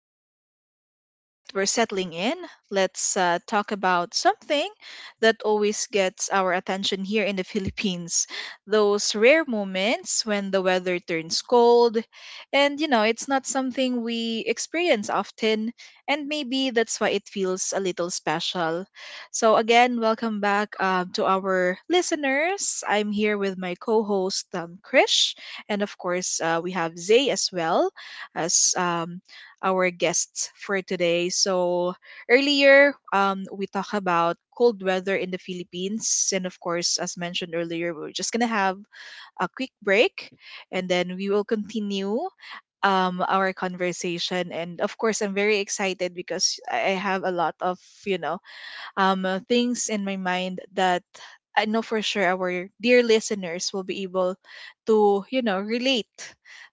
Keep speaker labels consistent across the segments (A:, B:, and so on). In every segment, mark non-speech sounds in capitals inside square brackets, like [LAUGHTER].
A: back. Now that we're settling in, let's talk about something that always gets our attention here in the [LAUGHS] Philippines. Those rare moments when the weather turns cold. And, you know, it's not something we experience often. And maybe that's why it feels a little special. So, again, welcome back to our listeners. I'm here with my co host, Krish. And, of course, we have Zay as well as our guests for today. So earlier, we talked about cold weather in the Philippines, and of course, as mentioned earlier, we're just gonna have a quick break, and then we will continue our conversation. And of course I'm very excited because I have a lot of, you know, things in my mind that I know for sure our dear listeners will be able to, you know, relate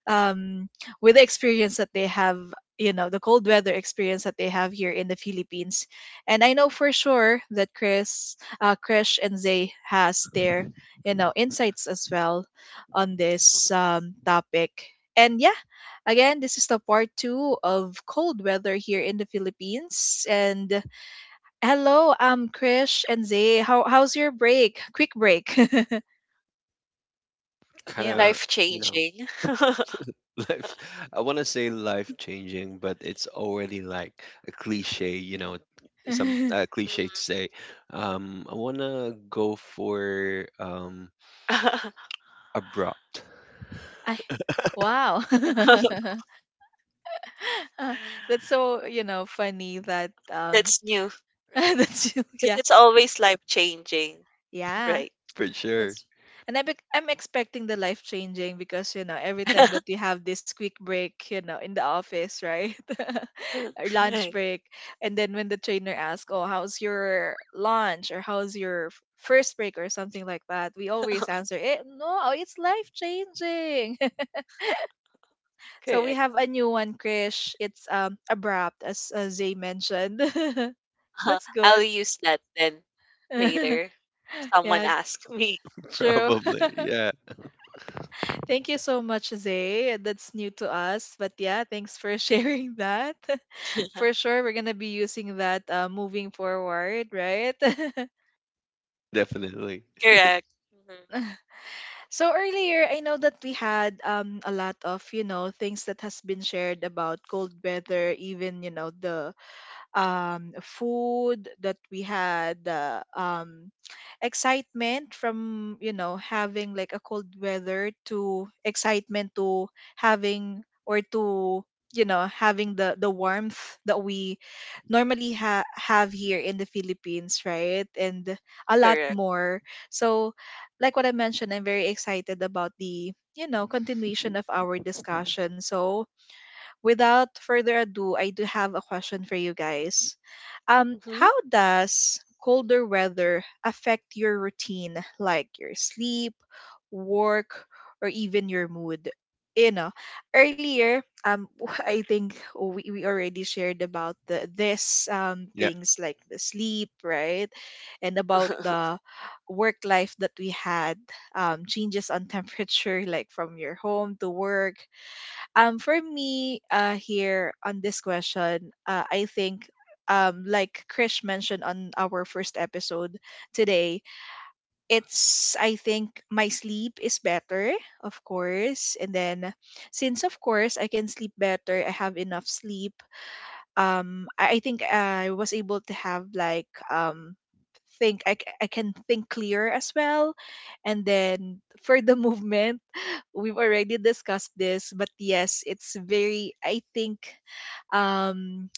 A: um, with the experience that they have, you know, the cold weather experience that they have here in the Philippines. And I know for sure that Krish and Zay has their, you know, insights as well on this topic. And yeah, again, this is the part two of cold weather here in the Philippines. And hello, Krish and Zay. How's your break? Quick break.
B: Kind
A: [LAUGHS] Yeah.
B: of.
C: Life
B: You know.
C: changing. [LAUGHS]
B: [LAUGHS] Life. I want to say life changing, but it's already like a cliche, you know, some
A: [LAUGHS] I
B: a cliche to say. I want to go for
C: [LAUGHS]
B: abrupt.
A: wow. [LAUGHS] Uh, that's so, you know, funny that
C: That's new,
A: [LAUGHS]
C: right? Because
A: yeah,
C: it's always life changing,
A: yeah.
C: right?
B: For sure.
A: That's and I'm expecting the life changing because, you know, every time that we
C: [LAUGHS]
A: have this quick break, you know, in the office, right? [LAUGHS] Our lunch
C: Right.
A: break, and then when the trainer asks, "Oh, how's your lunch?" or "How's your first break?" or something like that, we always answer, "Eh, no, it's life changing." [LAUGHS] So we
C: Correct.
A: have a new one, Krish. It's abrupt, as Zay mentioned. [LAUGHS]
C: [LAUGHS]
A: That's
C: I'll
A: good.
C: use that then
A: [LAUGHS]
C: later. Someone
A: Yeah,
C: ask me.
B: [LAUGHS]
A: true.
B: Probably, yeah.
A: Thank you so much, Zay. That's new to us. But yeah, thanks for sharing that. [LAUGHS] For
C: [LAUGHS]
A: sure, we're going to be using that moving forward, right? [LAUGHS]
B: Definitely.
C: Correct. Mhm.
A: So earlier, I know that we had a lot of, you know, things that has been shared about cold weather, even, you know, the food that we had, the excitement from, you know, having like a cold weather to excitement to having or to, you know, having the warmth that we normally have here in the Philippines, right? And a lot
C: Correct.
A: more. So, like what I mentioned, I'm very excited about the, you know, continuation of our discussion. So, without further ado, I do have a question for you guys.
C: Hmm.
A: How does colder weather affect your routine, like your sleep, work, or even your mood? You know, earlier, [LAUGHS] I think we already shared about the this
B: Yeah.
A: things like the sleep, right, and about
C: [LAUGHS]
A: the work life that we had, changes on [LAUGHS] temperature, like from your home to work, for me, here on this question, I think, like Krish mentioned on our first episode today, it's I think my sleep is better, of course, and then since of course I can sleep better, I have enough sleep. I think I was able to have like think I can think clear as well. And then for the [LAUGHS] movement, we've already discussed this, but yes, it's very, I think, um,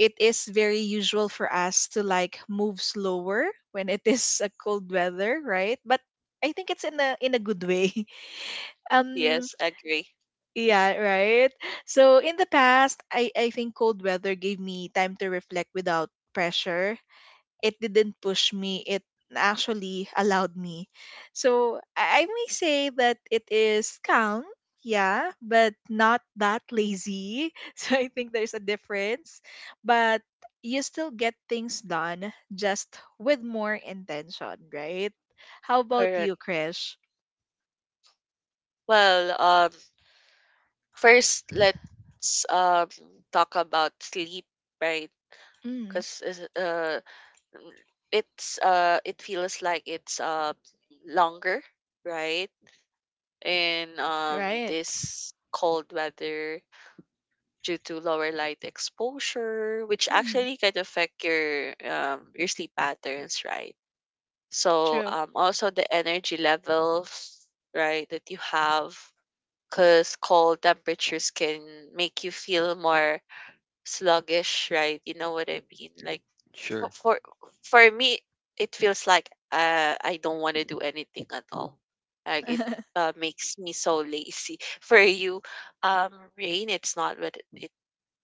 A: it is very usual for us to like move slower when it is a cold weather, right? But I think it's in a good way. [LAUGHS] Um
C: Yes, agree.
A: yeah, right. So in the past, I think cold weather gave me time to reflect without pressure. It didn't push me, it actually allowed me. So I may say that it is calm, yeah, but not that lazy. [LAUGHS] So I think there's a difference. But you still get things done, just with more intention, right? How about
C: Correct.
A: you, Krish?
C: Well, first let's talk about sleep, right?
A: Mm,
C: Because uh, Mm, it's it feels like it's longer, right? In
A: right.
C: this cold weather due to lower light exposure, which
A: Mm,
C: actually can affect your sleep patterns, right? So
A: true. [LAUGHS]
C: also the energy levels, right, that you have because cold temperatures can make you feel more sluggish, right? You know what I mean? Like for
B: Sure.
C: for for me, it feels like, I don't wanna do anything at all. Like, it, makes me so lazy. [LAUGHS] For you, um, rain, it's not, but it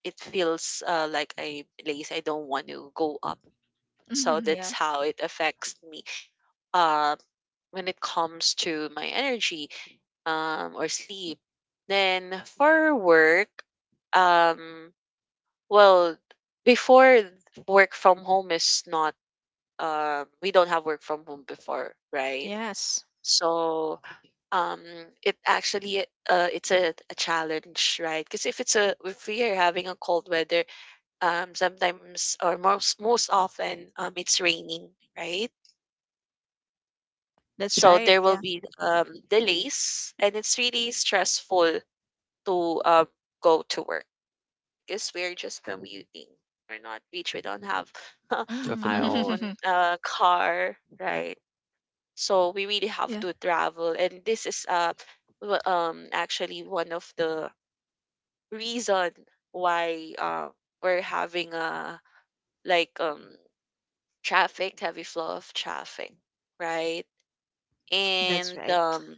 C: it feels, like I'm lazy. I don't want to go up. So
A: Hmm,
C: that's
A: yeah.
C: how it affects me, um, when it comes to my energy, or sleep. Then for work, um, well, before work from home is not we don't have work from home before, right?
A: Yes,
C: So, um, it actually it's a challenge, right? Because if we are having a cold weather, sometimes or most often it's raining, right?
A: that's
C: So
A: right.
C: there will
A: Yeah.
C: be delays, and it's really stressful to go to work because we're just commuting. We're not rich. We don't have [LAUGHS] our
B: Definitely.
C: own
A: Mhm.
C: car, right? So we really have
A: [LAUGHS] Yeah,
C: to travel, and this is actually one of the reason why, we're having a like traffic, heavy flow of traffic, right?
A: that's
C: And
A: right.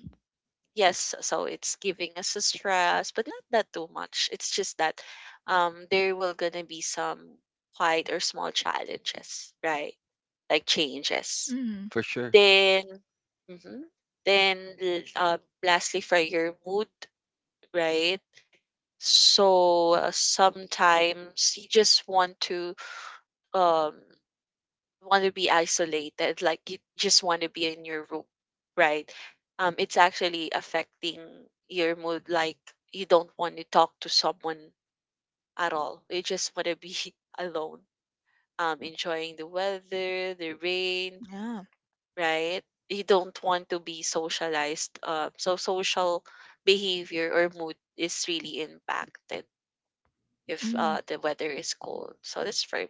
C: yes, so it's giving us a stress, but not that too much. It's just that there will gonna be some quite or small challenges, right? Like changes.
A: Mm,
B: For sure.
C: Then mhm. Then, uh, lastly, for your mood, right? So, sometimes you just want to um be isolated, like you just want to be in your room, right? It's actually affecting your mood. Like you don't want to talk to someone at all. You just want to be [LAUGHS] alone. Enjoying the weather, the rain,
A: yeah.
C: right? You don't want to be socialized. So social behavior or mood is really impacted if,
A: Mm,
C: the weather is cold. So that's for me.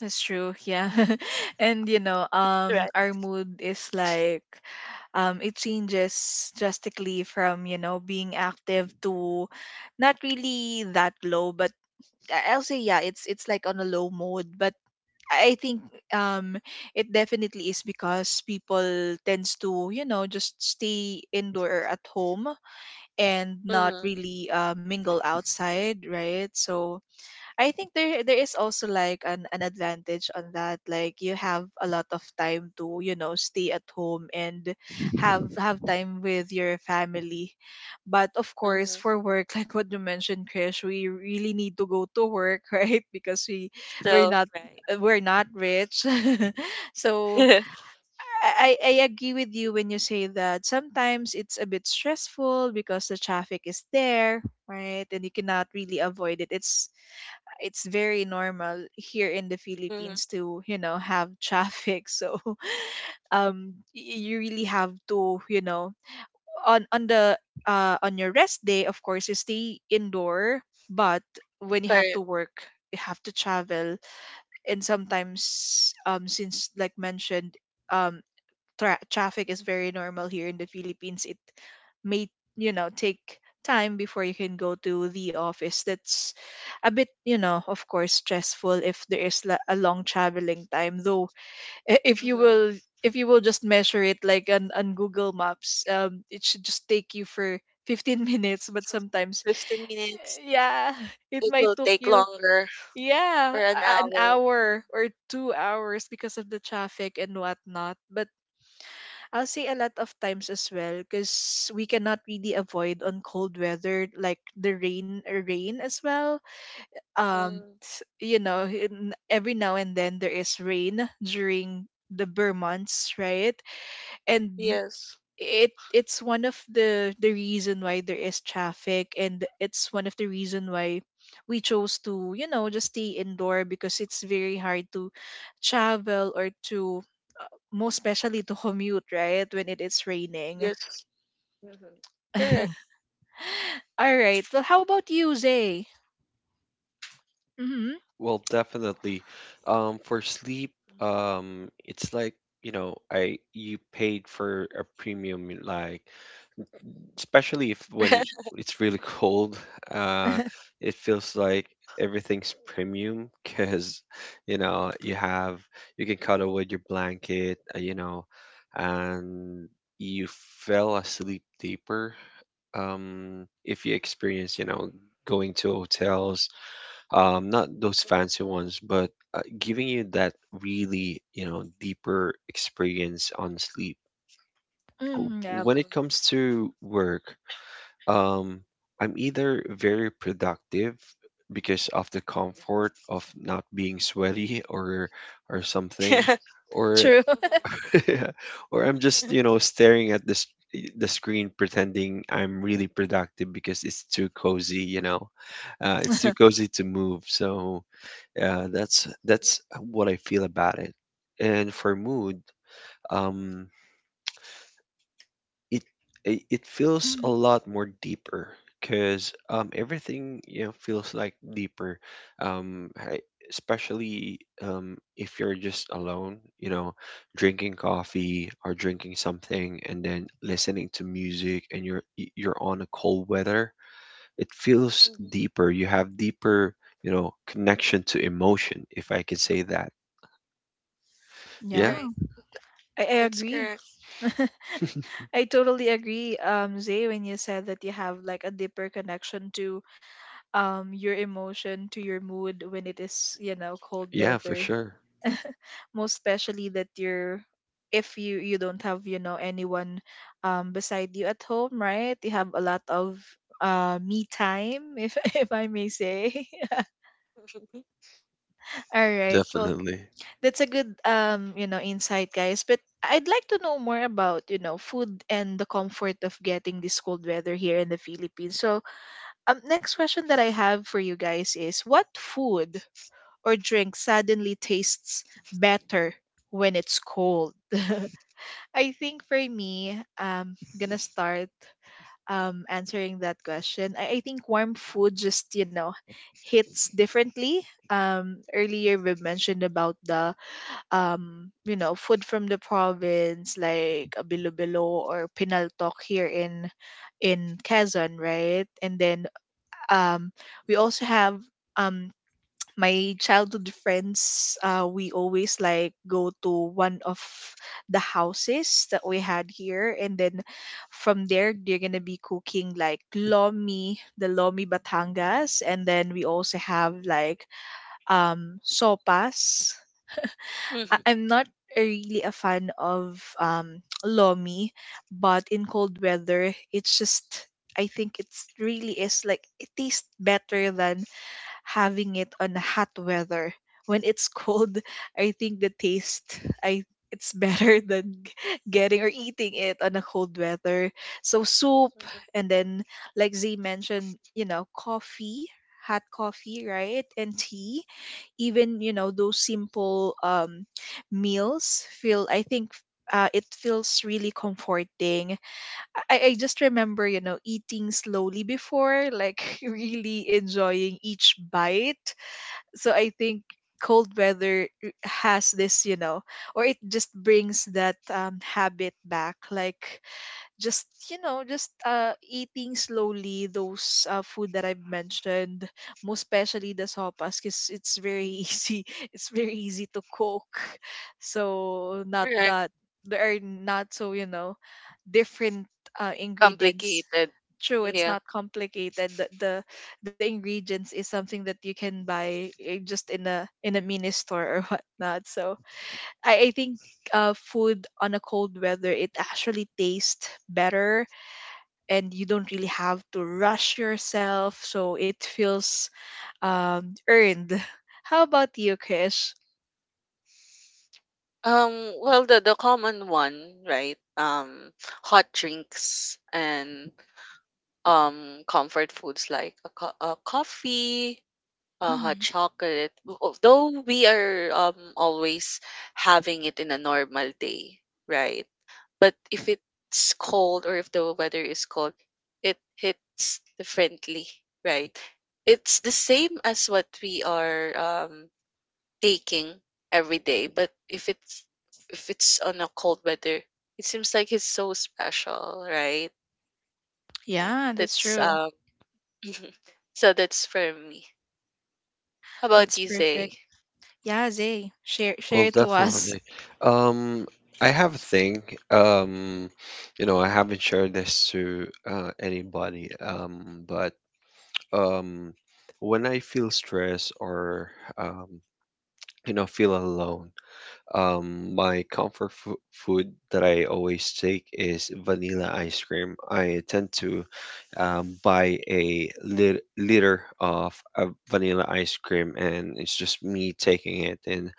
A: that's true. Yeah. [LAUGHS] And you know,
C: Right.
A: our mood is like it changes drastically from, you know, being active to not really that low, but I'll say yeah, it's like on a low mode, but I think um it definitely is because people tends to, you know, just stay indoor or at home and not
C: Mm-hmm.
A: really mingle outside, right? So I think there is also like an advantage on that. Like you have a lot of time to, you know, stay at home and have time with your family. But of course
C: Mm-hmm.
A: for work, [LAUGHS] like what you mentioned, Krish, we really need to go to work, [LAUGHS] right? Because we're
C: So
A: not
C: right.
A: we're not rich. [LAUGHS] So
C: [LAUGHS]
A: I agree with you when you say that sometimes it's a bit stressful because the traffic is there, right? And you cannot really avoid it. It's very normal here in the
C: Mm-hmm.
A: Philippines to, you know, have traffic. [LAUGHS] So you really have to, you know, on the on your rest day, of course, you stay indoor, but when you have
C: Correct.
A: to work, you have to travel. And sometimes since like mentioned, um traffic is very normal here in the Philippines, it may, you know, take time before you can go to the office. That's a bit, you know, of course stressful if there is a long traveling time. Though if you will
C: Mm-hmm.
A: just measure it like on Google Maps, it should just take you for 15 [LAUGHS] minutes. But
C: [LAUGHS]
A: sometimes,
C: 15 minutes.
A: yeah, [LAUGHS] it
C: It
A: might
C: will
A: took
C: take
A: you
C: longer
A: yeah
C: for an
A: an
C: hour.
A: hour or 2 hours because of the traffic and whatnot. But I'll say a lot of times as well because we cannot really avoid on cold weather like the rain, rain as well.
C: Mm-hmm.
A: You know, every now and then there is rain during the Burr months, right? And
C: Yes.
A: it's one of the reason why there is traffic, and it's one of the reason why we chose to, you know, just stay indoor because it's very hard to travel or to most especially to commute, right, when it is raining.
C: Yes. Mm-hmm. Correct.
A: All right, well, how about you, Zay? Mm-hmm.
B: Well, definitely. For sleep, it's like, you know, I you paid for a premium, like, especially if when
C: [LAUGHS]
B: it's really [LAUGHS] cold. uh, it feels like everything's premium because, you know, you have you can cuddle with your blanket, you know, and you fell asleep deeper. If you experience, you know, going to hotels, not those fancy ones, but giving you that really, you know, deeper experience on sleep.
A: Mm-hmm. Yeah.
B: When it
C: Mhm.
B: comes to work, um, I'm either very productive because of the comfort of not being sweaty or something,
C: [LAUGHS] Mhm.
B: or
A: True.
B: [LAUGHS] True. Or I'm just, you know,
C: [LAUGHS]
B: staring at this the screen pretending I'm really productive because it's too cozy, you know. It's too
A: [LAUGHS]
B: cozy to move. So that's what I feel about it. And for mood, um, it it feels a
A: Mhm.
B: lot more deeper because, everything, you know, feels like deeper. um, I- especially, if you're just alone, you know, drinking coffee or drinking something, and then listening to music, and you're on a cold weather, it feels
C: Mhm.
B: deeper, you have deeper, you know, connection to emotion, if I can say that.
A: Yeah.
B: Yeah.
C: Right.
A: I
C: That's
A: agree.
C: correct.
A: [LAUGHS] I totally agree, Zay, when you said that you have like a deeper connection to your emotion, to your mood when it is, you know, cold
B: Yeah, for
A: weather,
B: sure.
A: most especially that you're if you you don't have, you know, anyone beside you at home, right, you have a lot of me time, if [LAUGHS] if I may say. [LAUGHS]
C: [LAUGHS]
A: All right, well,
B: Definitely.
A: that's a good, you know, insight, guys, but I'd like to know more about, you know, food and the comfort of getting this cold weather here in the Philippines. So next question that I have for you guys is what food or drink suddenly tastes better when it's cold? [LAUGHS] I think for me, gonna start answering that question. I think warm food just, you know, hits differently. Earlier we mentioned about the you know, food from the province like a Bilo or Pinaltok here in Quezon, right? And then um we also have um my childhood friends, we always like go to one of the houses that we had here, and then from there they're gonna be cooking like lomi, the lomi batangas, and then we also have like sopas.
C: Mhm.
A: I'm not really a fan of [TSK] lomi, but in cold weather, it's just I think it's really is like it tastes better than having it on hot weather. When it's [LAUGHS] cold, I think the taste I it's better [LAUGHS] than getting or eating it on a cold weather. So soup
C: Mhm.
A: and then like Z mentioned, you know, coffee, hot coffee, right? And tea. Even, you know, those simple meals feel I think it feels really comforting. I just remember, you know, eating slowly before, like [LAUGHS] really enjoying each bite. So I think cold weather has this, you know, or it just brings that habit back. Like, just you know just eating slowly those food that I've mentioned, most especially the sopas because it's very easy [LAUGHS] it's very easy to cook, so not
C: Right,
A: that they are not so, different ingredients.
C: complicated.
A: True, it's
C: Yeah.
A: not complicated. The ingredients is something that you can buy, just in a mini store or [LAUGHS] whatnot. So I think food on a cold weather, it actually tastes better, and you don't really have to rush yourself, so it feels earned. [LAUGHS] How about you, Chris?
C: Well, the common one, right? Hot drinks and comfort foods like a coffee, a hot
A: Hmm.
C: chocolate. Though we are always having it in a normal day, right? But if it's cold or if the weather is cold, it hits differently, right? It's the same as what we are taking every day, but if it's on a cold weather, it seems like it's so special, right?
A: Yeah, that's
C: That's
A: true.
C: [LAUGHS] So that's for me. How
A: That's
C: about you,
A: perfect.
C: say
A: Yeah, Zay, share
B: Well,
A: share it to us.
B: definitely. Um, I have a thing. Um, you know, I haven't shared this to anybody. But um, when I feel stress or um, you know, feel alone, my food that I always take is vanilla ice cream. I tend to buy a liter of vanilla ice cream, and it's just me taking it in,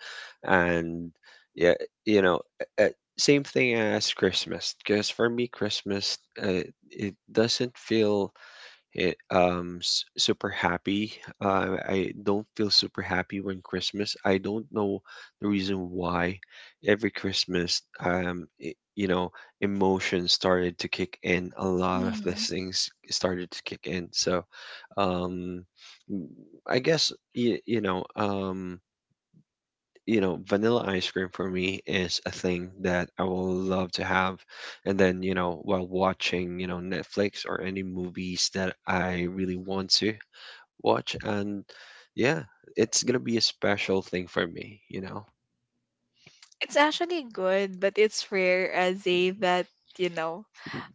B: and, yeah, you know. uh, same thing as Christmas. Because for me, Christmas, uh, it doesn't feel it, super happy. I don't feel super happy when Christmas. I don't know the reason why. Every Christmas, it, you know, emotions started to kick in. A lot of these
A: Hmm.
B: things started to kick in. So um, I guess you, you know, vanilla ice cream for me is a thing that I will love to have. And then, you know, while watching, you know, Netflix or any movies that I really want to watch. And, yeah, it's gonna be a special thing for me, you know.
A: It's actually good, but it's rare, as Zay, that you know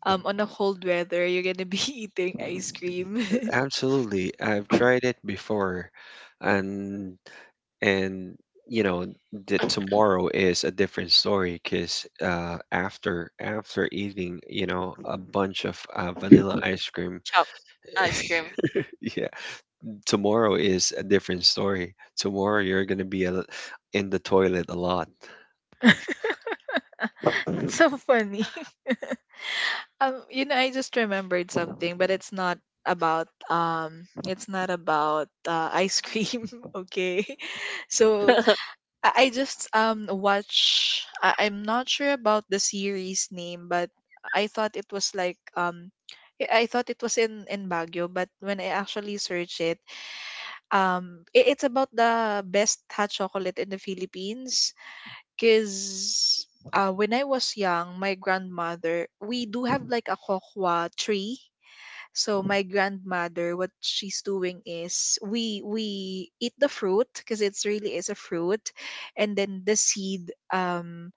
A: on a cold weather you're gonna be [LAUGHS] eating ice cream. [LAUGHS]
B: Absolutely. I've tried it before, and and, you know, the tomorrow is a different story because after eating, you know, a bunch of vanilla ice cream.
C: chop ice cream?
B: [LAUGHS] Yeah, tomorrow is a different story. Tomorrow you're gonna be a, in the toilet a lot.
A: That's so funny. I just remembered something, but it's not about ice cream, [LAUGHS] okay? [LAUGHS] So
C: [LAUGHS]
A: I just watch. I'm not sure about the series name, but I thought it was like um, I thought it was in Baguio, but when I actually searched it, it's about the best hot chocolate in the Philippines. Because when I was young, my grandmother, we do have like a kokwa tree. So my grandmother, what she's doing is we eat the fruit because it's really is a fruit, and then the seed,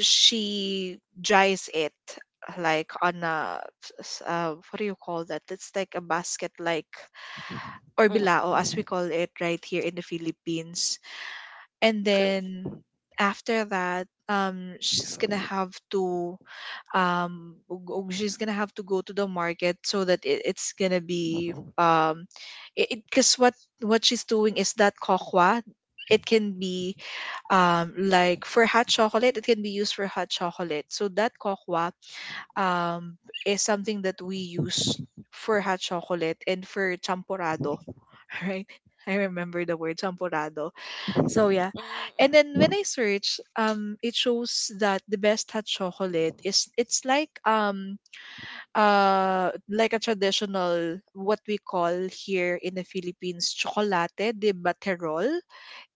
A: she dries it, like on a, what do you call that? It's like a basket, like, or
C: Mm,
A: bilao as we call it right here in the Philippines. And
C: okay.
A: then after that, she's gonna have to, she's gonna have to go to the market, so that it's gonna be, it, because what she's doing is that kokwa, it can be, like for hot chocolate, it can be used for hot chocolate, so that kokwa, um is something that we use for hot chocolate and for champorado. [LAUGHS] Right, I remember the word champorado. So yeah.
C: Mm,
A: And then when I search, it shows that the best hot chocolate is it's like a traditional, what we call here in the Philippines, chocolate de baterol.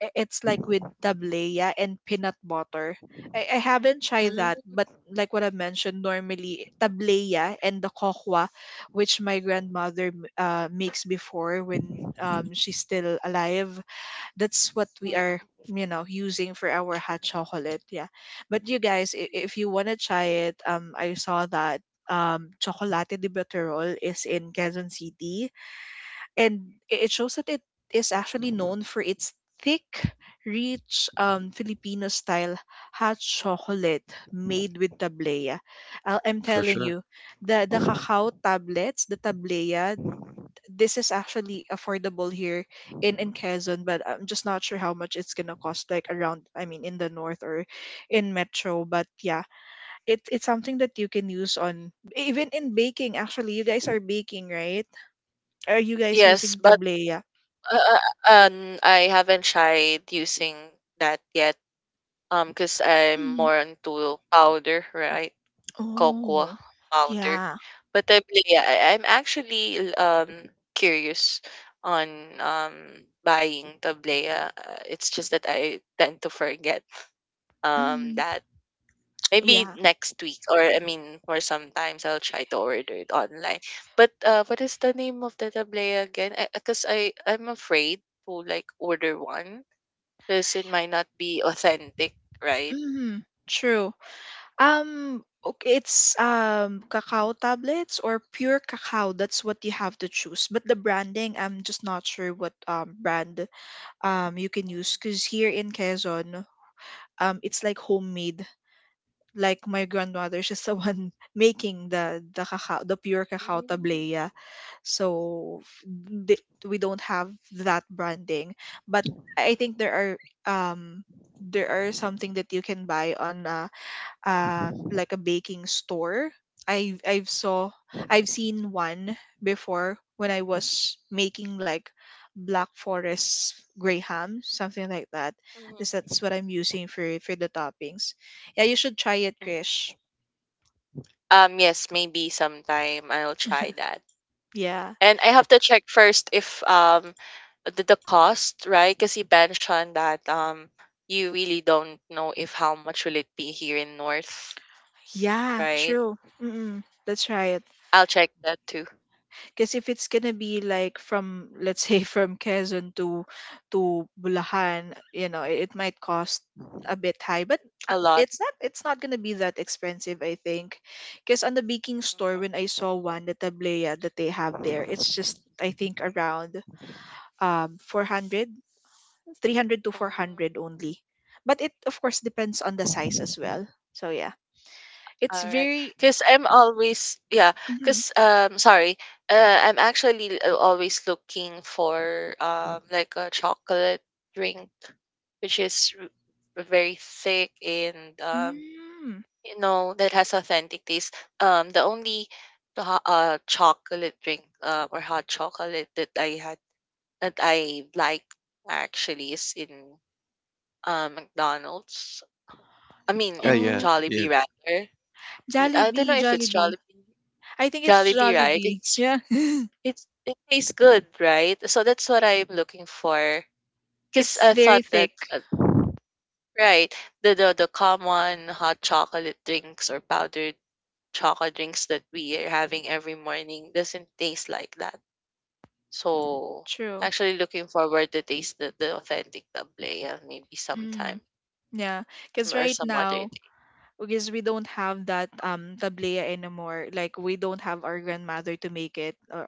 A: It's like with tableya and peanut butter. I haven't tried that,
C: mm,
A: but like what I mentioned, normally tableya and the kokwa, which my grandmother makes before when she's still alive, that's what we are
C: mm.
A: using for our hot chocolate. Yeah. But you guys, if you want to try it, I saw that chocolate de Baterol is in Quezon City, and it shows that it is actually known for its thick, rich, Filipino style hot chocolate made with tablea. I'm
B: For
A: telling
B: sure.
A: you, the cacao tablets, the tablea, this is actually affordable here in Quezon, but I'm just not sure how much it's gonna cost, like, around, I mean, in the north, or in metro. But yeah, it's something that you can use on, even in baking. Actually, you guys are baking, right? Are you guys
C: Yes,
A: using
C: but
A: tableya?
C: uh, I haven't tried using that yet. Because I'm
A: Mm.
C: more into powder, right? Cocoa
A: Oh,
C: powder.
A: yeah.
C: But I believe, yeah, I'm actually curious on um buying tablea. It's just that I tend to forget
A: Mm.
C: that. Maybe
A: Yeah.
C: next week, or I mean, or sometimes I'll try to order it online. But, what is the name of the tablea again? Because I, 'cause I I'm afraid to like order one because it might not be authentic, right?
A: Mm. True. Okay, it's cacao tablets or pure cacao. That's what you have to choose. But the branding, I'm just not sure what brand you can use, because here in Quezon, it's like homemade. Like my grandmother, [LAUGHS] she's the one [LAUGHS] making the cacao, the pure cacao
C: Mm.
A: tablea. So we don't have that branding, but I think um there are something that you can buy on, like a baking store. I've I've saw I've seen one before when I was making, like, black forest graham, something like that. This
C: Mhm.
A: That's what I'm using for the toppings. Yeah, you should try it, Krish.
C: Yes, maybe sometime I'll try that.
A: Yeah.
C: And I have to check first if the cost, right? Because you mentioned that you really don't know if how much will it be here in North,
A: Yeah,
C: right?
A: true. Mm-mm. That's right.
C: I'll check that too.
A: Because, if it's gonna be, like, from let's say [LAUGHS] from Quezon to Bulacan, it might cost a bit high. But
C: A lot.
A: it's not gonna be that expensive, I think. Because on the baking store,
C: Mhm.
A: when I saw one, the tablea that they have there, it's just, I think, around, 400, 300 to
C: Mm,
A: 400 only. But it, of course, depends on the size as well. So yeah,
C: all
A: it's
C: right.
A: very.
C: Because I'm always, yeah.
A: Mm,
C: Because sorry, I'm actually, always looking for like a chocolate drink which is, very thick and,
A: mm.
C: That has authentic taste. The only chocolate drink, or hot chocolate that I had that I like actually is in, McDonald's. I mean,
B: Yeah,
C: in
B: yeah,
A: Oh,
B: yeah.
C: Jollibee rather. I don't know
A: Jollibee,
C: if it's
A: Jollibee.
C: Jollibee.
A: I think it's
C: Jollibee, right?
A: Jollibee.
C: It's
A: Yeah. [LAUGHS]
C: it's it tastes good, right? So that's what I'm looking for. 'Cause
A: It's
C: I
A: very
C: thought
A: thick.
C: that, right, the common hot chocolate drinks or powdered chocolate drinks that we are having every morning doesn't taste like that. So
A: True.
C: actually looking forward to taste the authentic tablea maybe sometime
A: Mm, yeah, because
C: or
A: right
C: some other
A: now,
C: day.
A: because we don't have that, tablea anymore. Like, we don't have our grandmother to make it,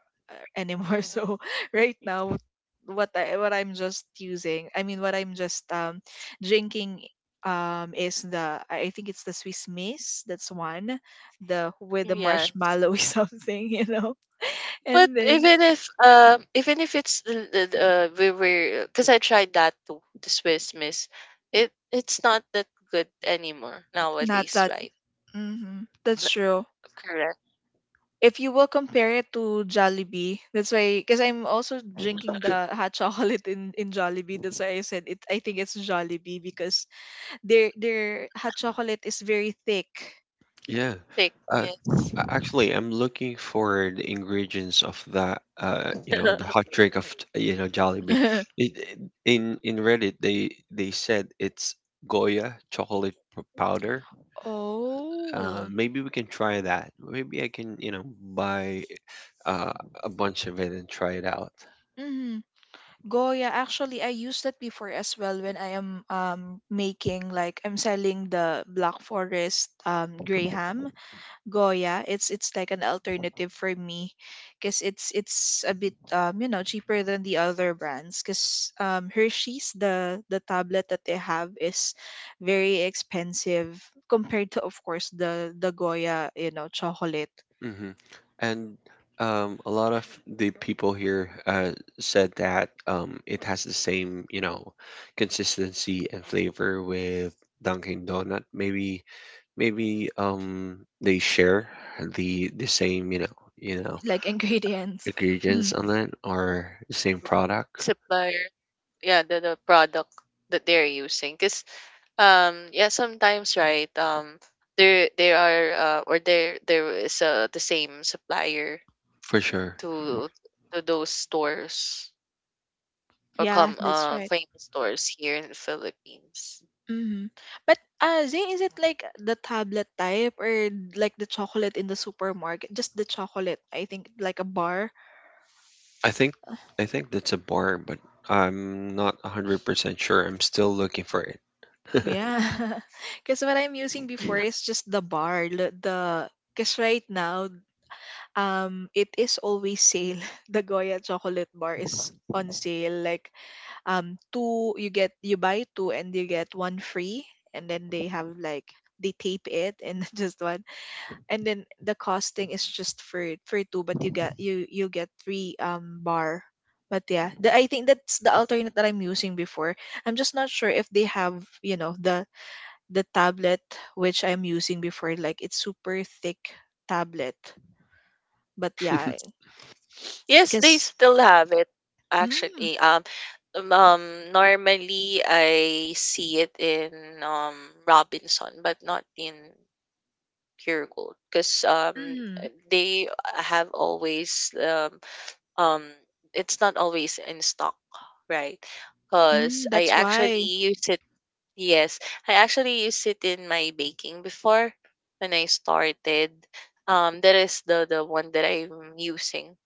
A: anymore. [LAUGHS]
C: Mhm.
A: So right now, what I'm just using, I mean, what I'm just drinking, is the, I think it's the Swiss Miss. That's one, the with the
C: Yes.
A: marshmallow [LAUGHS] something. [LAUGHS] And
C: But
A: then
C: even if it's we were, because I tried that too, the Swiss Miss, it's not that good anymore
A: not.
C: nowadays, right?
A: Hmm. That's
C: N-
A: true.
C: Correct.
A: If you will compare it to Jollibee, that's why, because I'm also drinking the hot [LAUGHS] chocolate in Jollibee. That's why I said it. I think it's Jollibee, because their hot chocolate is very thick.
B: Yeah.
C: Thick,
B: Uh,
C: yes.
B: actually, I'm looking for the ingredients of that. You know, the hot
C: [LAUGHS]
B: drink of, you know, Jollibee.
A: [LAUGHS]
B: It, it- in Reddit, they said it's powder.
A: Oh.
B: Maybe we can try that. Maybe I can, you know, buy uh, a bunch of it and try it out.
A: Mm-hmm. Goya, actually, I used that before as well, when I am making, like, I'm selling the Black Forest, gray ham. Goya, it's like an alternative for me, because it's a bit, cheaper than the other brands, because Hershey's, the tablet that they have is very expensive, compared to, of course, the Goya, chocolate,
B: Hmm. And a lot of the people here said that it has the same, you know, consistency and flavor with Dunkin' Donut. Maybe they share the same, you know,
A: like ingredients. [LAUGHS]
B: ingredients
A: Mhm.
B: on it or the same product.
C: Supplier, yeah, the product that they're using, because, yeah, sometimes, right? There there are or there is, the same supplier
B: For sure.
C: to those stores or
A: Yeah,
C: come
A: that's right.
C: famous stores here in the Philippines.
A: Hmm. But Zay, is it like the tablet type, or like the chocolate in the supermarket? Just the chocolate, I think, like a bar.
B: I think I think that's a bar, but I'm not 100% sure. I'm still looking for it. [LAUGHS]
A: Yeah. [LAUGHS] Because what I'm using before is just the bar. L- The Because right now, it is always sale. [LAUGHS] The Goya chocolate bar is on sale. Like, two you get you buy two and you get one free, and then they have, like, they tape it, and [LAUGHS] just one, and then the costing is just for two, but you get three bar, but yeah, I think that's the alternate that I'm using before. I'm just not sure if they have, you know the the tablet which I'm using before, like, it's super thick tablet. But yeah, I
C: Yes, they
A: guess.
C: still have it
A: Mm,
C: actually. Um um, Normally I see it in um Robinson but not in Pure Gold because
A: mm,
C: they have always um it's not always in stock, right?
A: mm,
C: Because I
A: that's
C: actually
A: why.
C: used it, yes, I actually used it in my baking before when I started, that is the one that I'm using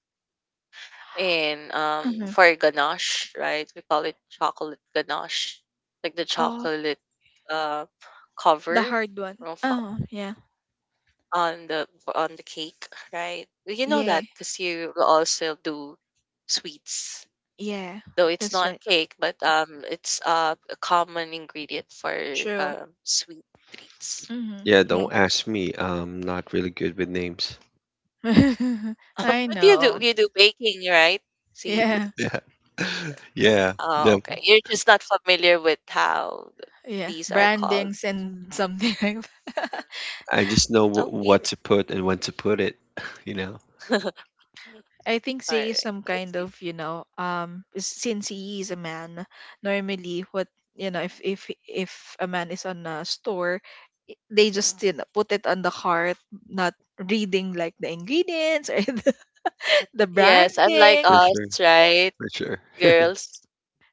C: in
A: Uh-huh.
C: for ganache, right? We call it chocolate ganache, like the
A: Oh,
C: chocolate, uh
A: the
C: cover
A: hard one.
C: of-
A: Oh, yeah,
C: on the cake, right? You know
A: yeah,
C: that because you also do sweets.
A: yeah.
C: Though it's
A: That's
C: not
A: right.
C: cake, but, it's, a common ingredient for,
A: True.
C: sweet treats.
A: Mm-hmm.
B: Yeah,
A: Yeah.
B: don't ask me. I'm not really good with names.
A: [LAUGHS]
C: [LAUGHS]
A: I
C: But
A: know.
C: you do baking, right? See?
A: Yeah.
B: Yeah. [LAUGHS] Yeah.
C: Oh,
B: The,
C: okay. You're just not familiar with how
A: Yeah.
C: these are called.
A: Brandings and something [LAUGHS] like
C: Mm,
B: I just know
C: okay.
B: what to put and when to put it, [LAUGHS] you know.
C: [LAUGHS]
A: I think
C: All
A: Zay is
C: right.
A: some
C: Let's
A: kind
C: see.
A: of, since he is a man, normally, if a man is on a store, they just, put it on the cart, not reading, like, the ingredients, or [LAUGHS] the
C: Yes, unlike
A: branding.
B: For sure.
C: us, right,
B: For sure. [LAUGHS]
C: girls?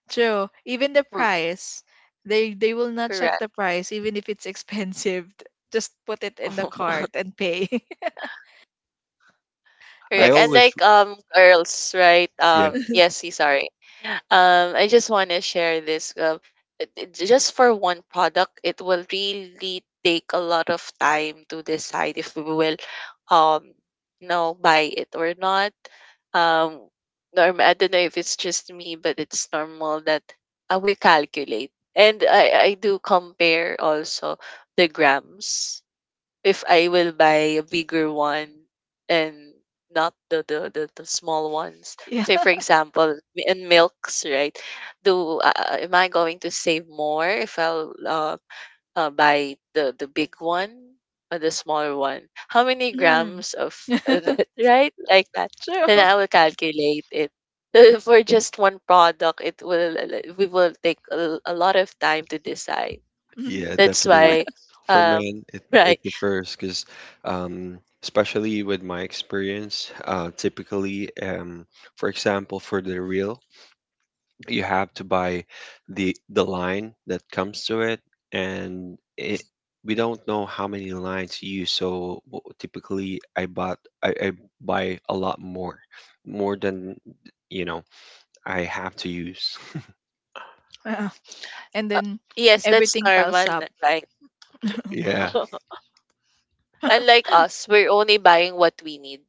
A: True. Even the
C: Mm.
A: price, they will not check
C: Correct.
A: the price, even if it's [LAUGHS] expensive. Just put it in the cart
C: [LAUGHS]
A: and pay. [LAUGHS]
B: I
C: Correct. And
A: That's
B: always,
C: like girls, right?
B: yeah,
C: Yes,
A: [LAUGHS]
C: see, sorry. I just want to share this, just for one product, it will really take a lot of time to decide if we will um buy it or not. Um norm I don't know if it's just me, but it's normal that, we calculate. And I do compare also the grams if I will buy a bigger one and not the small ones.
A: yeah.
C: Say for example, in milks, right? Do Am I going to save more if I'll buy the big one or the smaller one? How many
A: Mm.
C: grams of [LAUGHS] that,
A: [LAUGHS]
C: right? Like that.
A: True.
C: Then
A: [LAUGHS]
C: I will calculate it. [LAUGHS] For just one product, it will like, we will take a lot of time to decide.
A: Mhm.
B: yeah,
C: That's
B: definitely.
C: why,
B: For
C: um,
B: men, it,
C: [LAUGHS]
B: it
C: right.
B: differs because, um, especially with my experience, typically, for example, for the reel, you have to buy the line that comes to it, and it we don't know how many lines you use, so typically I bought, I buy a lot more than, you know, I have to use.
A: Yeah. And
C: Uh,
A: then
C: yes, that's
A: everything piles
C: normal,
A: up.
C: right?
B: Yeah.
C: [LAUGHS] Unlike us, we're only buying what we need,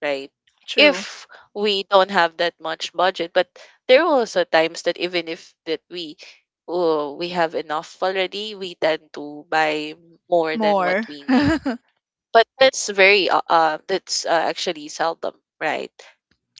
C: right?
A: True.
C: If we don't have that much budget, but there are also times that even if that we oh, we have enough already, we tend to buy more than what
A: More.
C: we need.
A: [LAUGHS]
C: But that's very that's, actually seldom, right?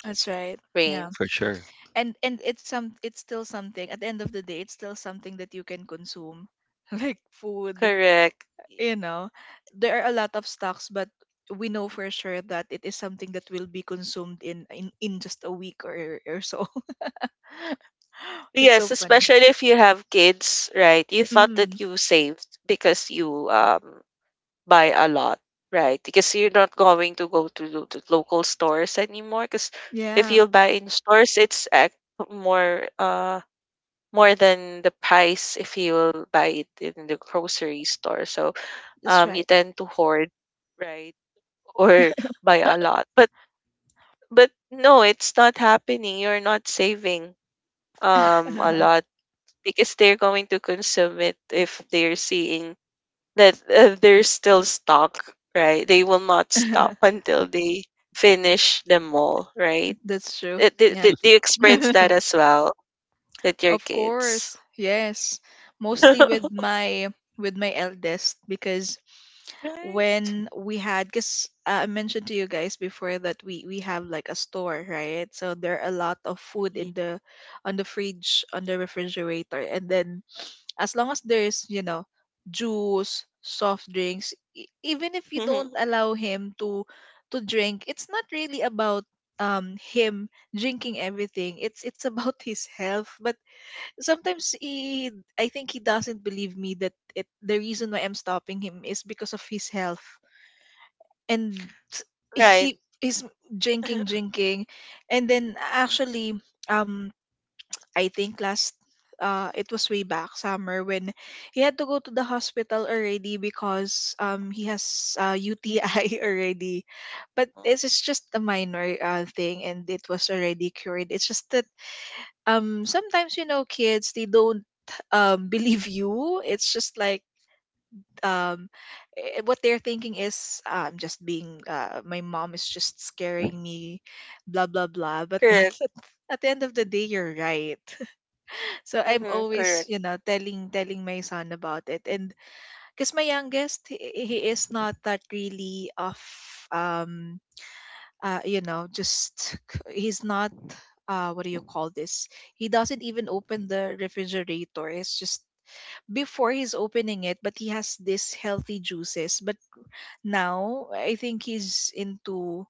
A: That's right.
C: Rain.
A: Yeah.
B: For sure.
A: And it's still something, at the end of the day, it's still something that you can consume [LAUGHS] like food,
C: Correct.
A: you know. There are a lot of stocks, but we know for sure that it is something that will be consumed in just a week or so. [LAUGHS] It's so
C: Yes,
A: funny.
C: especially if you have kids, right? You thought that
A: Mm,
C: you saved because you buy a lot, right? Because you're not going to go to local stores anymore. Because if
A: yeah,
C: you buy in stores, it's, more uh more than the price if you buy it in the grocery store. So,
A: that's
C: you
A: right.
C: tend to hoard, right, or [LAUGHS] buy a lot. But no, it's not happening. You're not saving a
A: [LAUGHS]
C: lot because they're going to consume it if they're seeing that, they're still stuck, right? They will not stop until they finish them all, right?
A: That's true. Yeah.
C: Did, do you
A: [LAUGHS]
C: experience that as well with your
A: Of
C: kids?
A: course. Yes. Mostly
C: [LAUGHS]
A: with my eldest, because
C: Right?
A: when we had, because I mentioned to you guys before that we have, like, a store, right? So there are a lot of food in
C: Mhm.
A: the on the fridge on the refrigerator, and then, as long as there's, juice, soft drinks. Even if you
C: Mhm.
A: don't allow him to drink, it's not really about, him drinking everything, it's [LAUGHS] about his health. But sometimes, he I think he doesn't believe me that, it the reason why I'm stopping him is because of his health, and
C: Right.
A: he is drinking
C: [LAUGHS]
A: drinking And then, actually, um I think, last, it was way back summer, when he had to go to the hospital already, because he has, UTI, [LAUGHS] already. But it's just a minor, thing, and it was already cured. It's just that, sometimes, kids, they don't, [LAUGHS] believe you. It's just like, um what they're thinking is, I'm just being, my mom is just scaring me, blah blah blah. But then,
C: Correct.
A: [LAUGHS] at the end of the day, you're right. [LAUGHS] So I'm
C: Hmm.
A: always,
C: Correct.
A: telling my son about it, and because my youngest, he is not that really of, um just [LAUGHS] he's not, what do you call this? He doesn't even open the refrigerator. It's just, before he's opening it, but he has this healthy juices. But now, I think he's into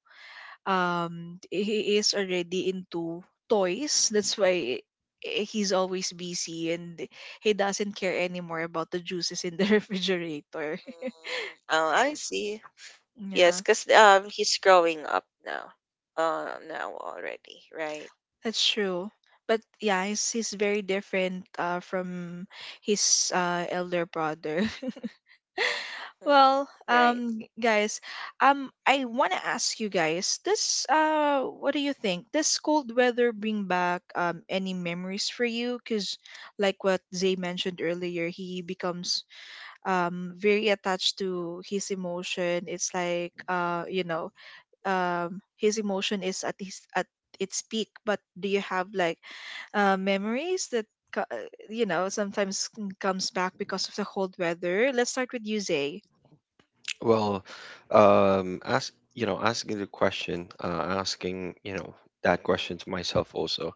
A: um he is already into toys. That's why, he's always busy, and he doesn't care anymore about the juices in the [LAUGHS] refrigerator.
C: Mm, oh, I see. Yes,
A: Yeah.
C: because, he's growing up now. Now already, right?
A: That's true. But yeah, he's very different, from his, elder brother. [LAUGHS]
C: Hmm.
A: Well,
C: Right.
A: guys, I want to ask you guys this. What do you think? Does cold weather bring back, any memories for you? Because, like what Zay mentioned earlier, he becomes, very attached to his emotion. It's like you know, his emotion is at his at its peak. But do you have like memories that you know sometimes comes back because of the cold weather? Let's start with you, Zay.
B: Well, ask, you know, asking the question, asking, you know, that question to myself also.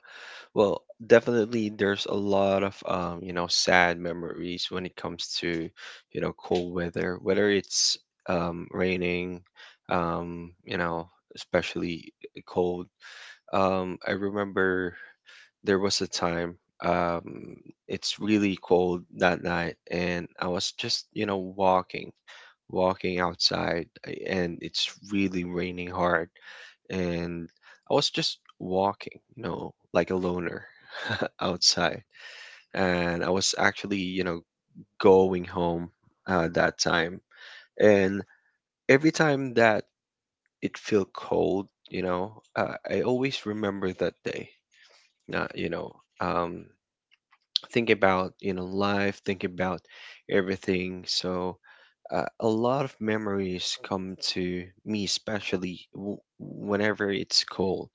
B: Well, definitely there's a lot of you know, sad memories when it comes to, you know, cold weather, whether it's raining, you know, especially cold. I remember there was a time um it's really cold that night, and I was just, you know, walking outside, and it's really raining hard, and I was just walking, you know, like a loner outside, and I was actually, you know, going home that time. And every time that it feel cold, you know, I always remember that day. You know, um, think about, you know, life, think about everything. So a lot of memories come to me, especially whenever it's cold.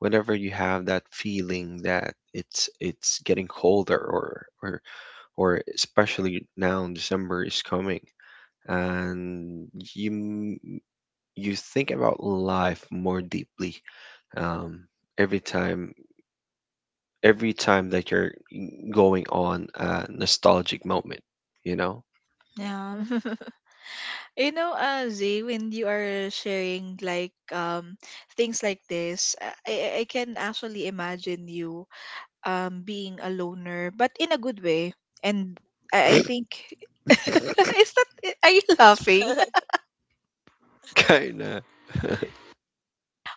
B: Whenever you have that feeling that it's getting colder, or or or especially now December is coming, and you m- you think about life more deeply, um, every time every time that you're going on a nostalgic moment, you know.
A: Yeah. [LAUGHS] You know, Zay, when you are sharing like things like this, I can actually imagine you being a loner, but in a good way. And I think, [LAUGHS] is that, are you laughing? [LAUGHS]
C: [LAUGHS]
B: [LAUGHS] Kind of. [LAUGHS]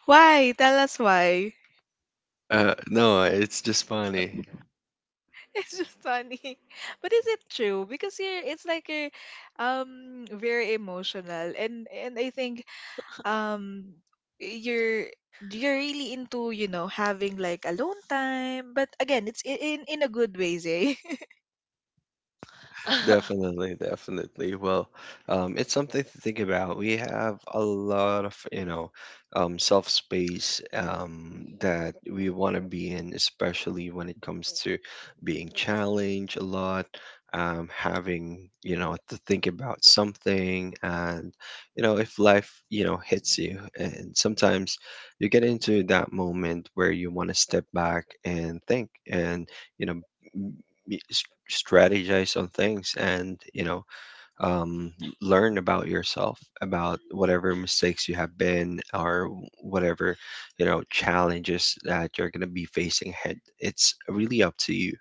A: Why? Tell us why.
B: No, it's just funny.
A: [LAUGHS] It's just funny. [LAUGHS] But is it true? Because you're, it's like you're very emotional, and I think um you're you're really into, you know, having like alone time. But again, it's in a good way, eh? [LAUGHS]
B: Definitely, definitely. Well, it's something to think about. We have a lot of, you know, self space, that we want to be in, especially when it comes to being challenged a lot, having, you know, to think about something. And, you know, if life, you know, hits you, and sometimes you get into that moment where you want to step back and think, and, you know, y- s- strategize on things, and, you know, um, learn about yourself about whatever mistakes you have been, or whatever, you know, challenges that you're going to be facing ahead, it's really up to you.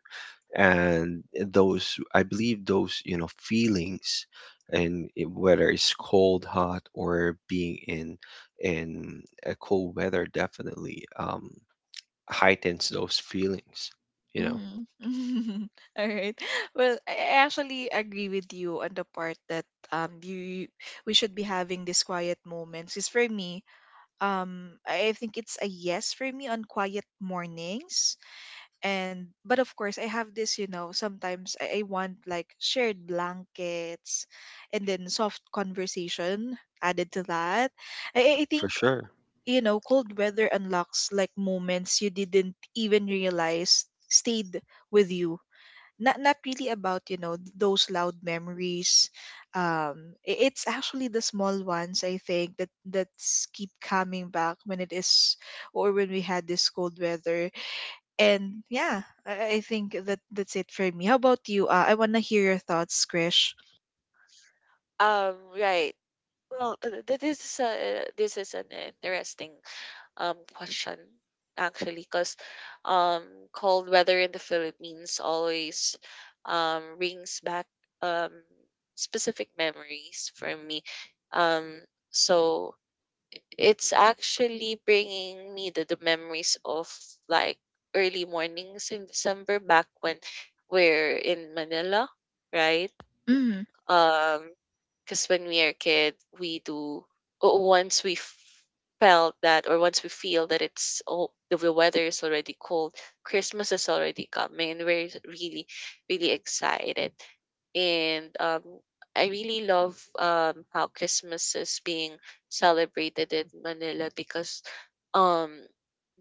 B: And those, I believe those, you know, feelings, and whether it's cold hot or being in in a cold weather, definitely, heightens those feelings, you know.
A: Mhm. [LAUGHS] All right. Well, I actually agree with you on the part that you, we should be having these quiet moments. Is for me, I think it's a yes for me on quiet mornings. And but of course, I have this, you know, sometimes I want like shared blankets and then soft conversation added to that. I
B: For
A: think,
B: sure.
A: you know, cold weather unlocks like moments you didn't even realize stayed with you. Not not really about, you know, those loud memories. um it's actually the small ones, I think, that that's keep coming back when it is, or when we had this cold weather. And yeah, I think that that's it for me. How about you? I want to hear your thoughts, Krish.
C: Right. Well, this is an interesting question actually, because um cold weather in the Philippines always rings back um specific memories for me. Um, so it's actually bringing me the memories of like early mornings in December back when we're in Manila, right?
A: Mm.
C: Um, because when we are a kid, we do o- once we f- felt that or once we feel that it's, oh, the weather is already cold, Christmas is already coming, and we're really really excited. And I really love how Christmas is being celebrated in Manila because um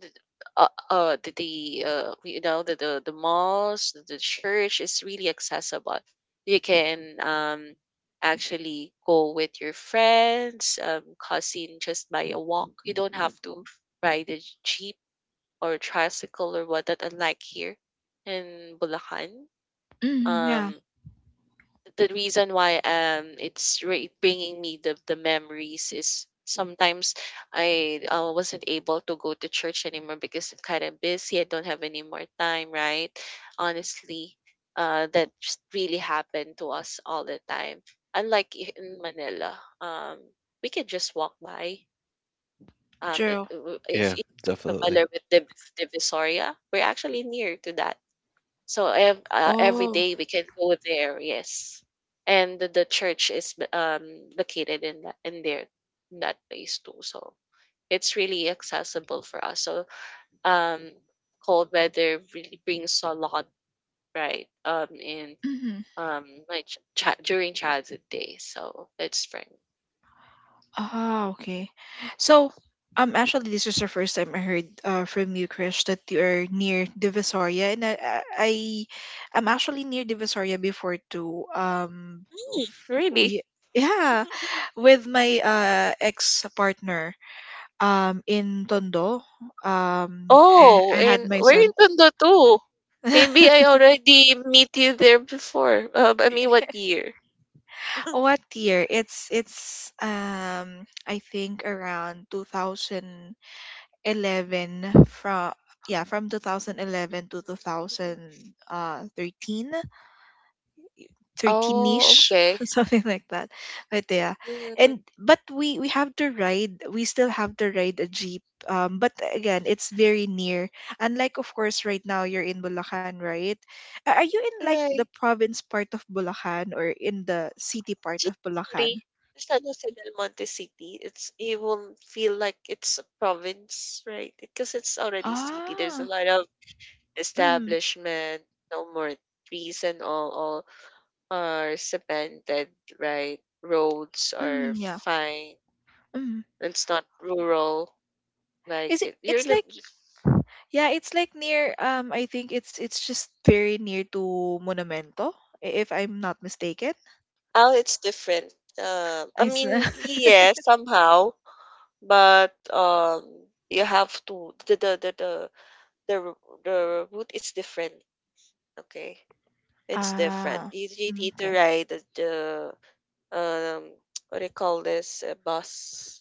C: the the you know the malls, the church is really accessible. You can actually go with your friends, cousin, just by a walk. You don't have to ride a jeep or tricycle or what that, unlike here in Bulacan.
A: Mm,
C: um
A: yeah.
C: the reason why it's bringing me the memories is sometimes I wasn't able to go to church anymore because it's kind of busy. I don't have any more time, right? Honestly, that just really happened to us all the time. Unlike in Manila, we can just walk by.
A: True.
C: If
B: Yeah,
C: you're
B: definitely.
C: familiar with Divisoria, we're actually near to that, so every
A: Oh.
C: day we can go there. Yes, and the, church is located in that, in there, in that place too. So it's really accessible for us. So um, cold weather really brings a lot, right, in
A: Mm-hmm.
C: um my ch- chi- during childhood days. So that's for me.
A: Ah, okay. So actually, this is the first time I heard, from you, Krish, that you are near Divisoria. And i I am actually near Divisoria before too. F-
C: Really?
A: y- yeah, with my ex partner, in Tondo.
C: Oh,
A: I had
C: and
A: my
C: we're in
A: son.
C: Tondo too. Maybe I
A: [LAUGHS]
C: already meet you there before. I mean, what year?
A: What year? It's I think around 2011. From, yeah, from 2011 to 2013.
C: Oh,
A: 13ish.
C: okay.
A: [LAUGHS] Something like that, but yeah.
C: Mm,
A: And but we have to ride, we still have to ride a jeep, but again, it's very near. Unlike, of course, right now you're in Bulacan, right? Are you in like the
C: right.
A: province part of Bulacan or in the city part of
C: Just
A: Bulacan?
C: city. It's not just Del Monte City. It's it won't feel like it's a province, right? Because it's already city. There's a
A: Ah.
C: lot of
A: Mm,
C: establishment, no more trees, and all are cemented, right? Roads are
A: mm yeah.
C: fine.
A: Mm.
C: It's not rural. Like
A: Is it,
C: it, you're
A: it's
C: li-
A: like, yeah, it's like near, I think it's just very near to Monumento, if I'm not mistaken.
C: oh, it's different. I
A: It's
C: mean,
A: [LAUGHS]
C: yeah, somehow, but you have to the, ro- the route is different. Okay, it's different.
A: ah.
C: You you,
A: Mm,
C: need to
A: okay.
C: ride the um [TSK] what do you call this, a bus?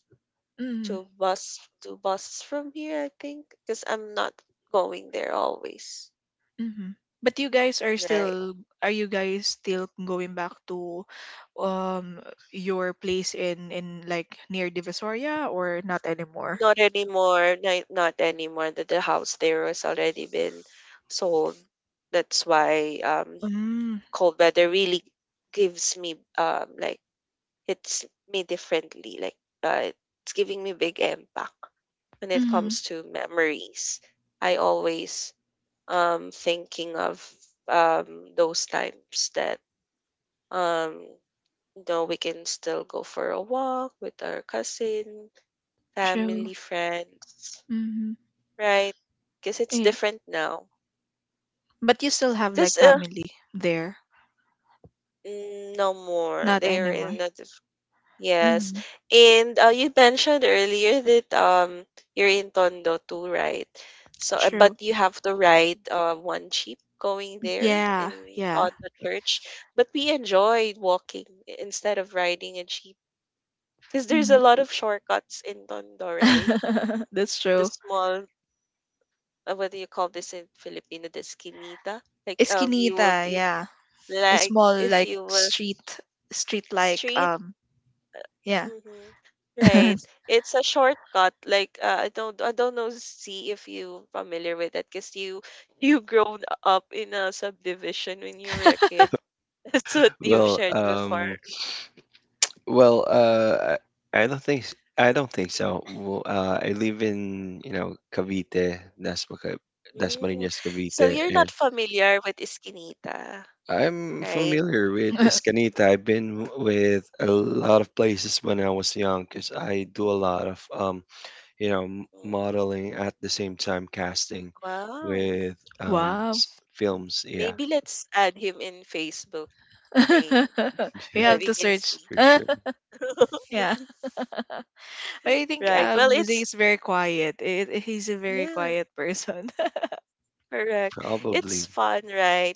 A: Mm.
C: Two buses from here, I think, because I'm not going there always,
A: Hmm. But you guys are
C: right?
A: still, are you guys still going back to um your place in like near Divisoria, or not anymore?
C: Not anymore, not anymore. That the the house there has already been sold. That's why
A: Mm.
C: cold weather really gives me like It's me differently, like, uh, it's giving me big impact when it
A: Mm,
C: comes to memories. I always thinking of those times that um you know, we can still go for a walk with our cousin,
A: true.
C: family, friends,
A: Mm-hmm.
C: right? Because it's
A: Yeah.
C: different now.
A: But you still have like
C: Because
A: family there,
C: mm, no more.
A: not
C: They are
A: anymore.
C: in a yes.
A: Mm,
C: And you mentioned earlier that you're in Tondo too, right? So,
A: true.
C: but you have to ride one jeep going there
A: Yeah,
C: in
A: yeah.
C: on the church. But we enjoyed walking instead of riding a jeep because there's
A: Mm.
C: a lot of shortcuts in Tondo, right?
A: [LAUGHS] That's
C: The
A: true.
C: small, what do you call this in Filipino? The esquinita. Like, you will
A: Eskinita,
C: be
A: yeah. A
C: like,
A: small
C: if
A: like
C: you will,
A: street, street like
C: street.
A: yeah.
C: Mhm. Right.
A: [LAUGHS]
C: It's a shortcut. Like I don't, I don't know, see if you familiar with that, because you [LAUGHS] you grown up in a subdivision when you were a kid. [LAUGHS] That's what you've
B: Well,
C: shared before.
B: well, I don't I don't think so. Well, I live in, you know, Cavite, that's Dasma,
C: Mm.
B: Dasmariñas,
C: So
B: Cavite,
C: you're not
B: and
C: familiar with Eskinita,
B: I'm
C: right?
B: familiar with Escanita. I've been with a lot of places when I was young because I do a lot of you know,
C: Mm.
B: modeling at the same time casting
C: Wow.
B: with um,
A: Wow.
B: s- films. Yeah.
C: Maybe let's add him in Facebook, Rain,
A: [LAUGHS]
C: so
B: [LAUGHS]
A: We
B: Yeah,
C: that
A: have
C: we
A: to
C: can
A: search.
C: see.
B: for sure.
A: [LAUGHS] Yeah.
C: [LAUGHS]
A: But I think
C: Right. Well,
A: Zay
C: it's
A: is very quiet. It, he's a very
C: yeah,
A: quiet person. [LAUGHS]
C: correct. It's
B: Probably,
C: fun, right,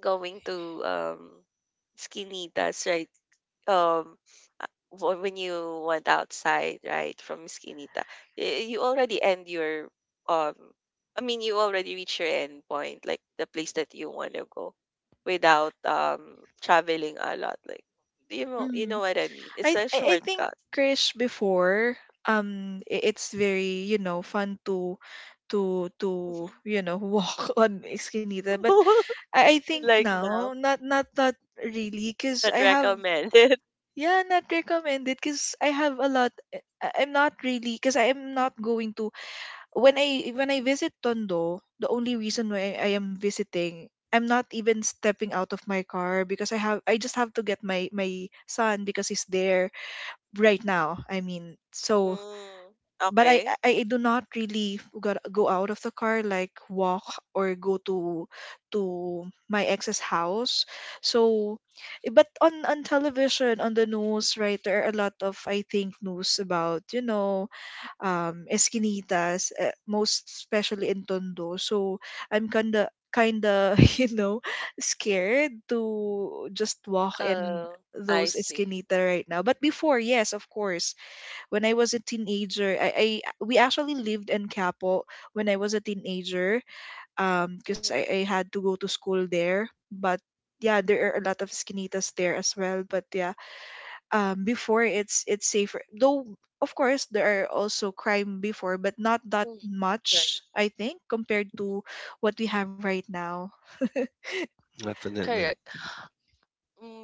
C: going to, um, Esquinitas, right? Um, when you went outside, right, from skinita, you already end your, um, I mean, you already reach your end point, like the place that you want to go, without traveling a lot. Like, you know
A: Mm.
C: what I mean. It's
A: I,
C: a
A: I I think
C: shortcut.
A: Krish, before, it's very, you know, fun to to, you know, walk [LAUGHS] on Eskinita, but
C: [LAUGHS]
A: I think
C: Like
A: now,
C: now,
A: not really because
C: not
A: I have.
C: recommended. [LAUGHS]
A: Yeah, not recommended because I have a lot. Eh, I'm not really, because I am not going to, when I, when I visit Tondo. The only reason why I am visiting, I'm not even stepping out of my car, because I have, I just have to get my son because he's there right now. I mean, so,
C: Mm,
A: but I,
C: okay.
A: I I do not really got, go out of the car like walk, or go to my ex's house. So, eh, but on television, on the news, right, there are a lot of, I think, news about, you know, esquinitas, most especially in Tondo. So I'm kinda, kinda [LAUGHS] you know, scared to just walk in
C: Uh, I
A: those
C: see.
A: esquinita right now. But before, yes, of course, when I was a teenager. I, we actually lived in Capo when I was a teenager, because
C: Mm-hmm.
A: I had to go to school there. But yeah, there are a lot of skinitas there as well. But yeah, before, it's safer. Though of course there are also crime before, but not that
C: Right.
A: much, I think, compared to what we have right now.
B: definitely,
C: Correct.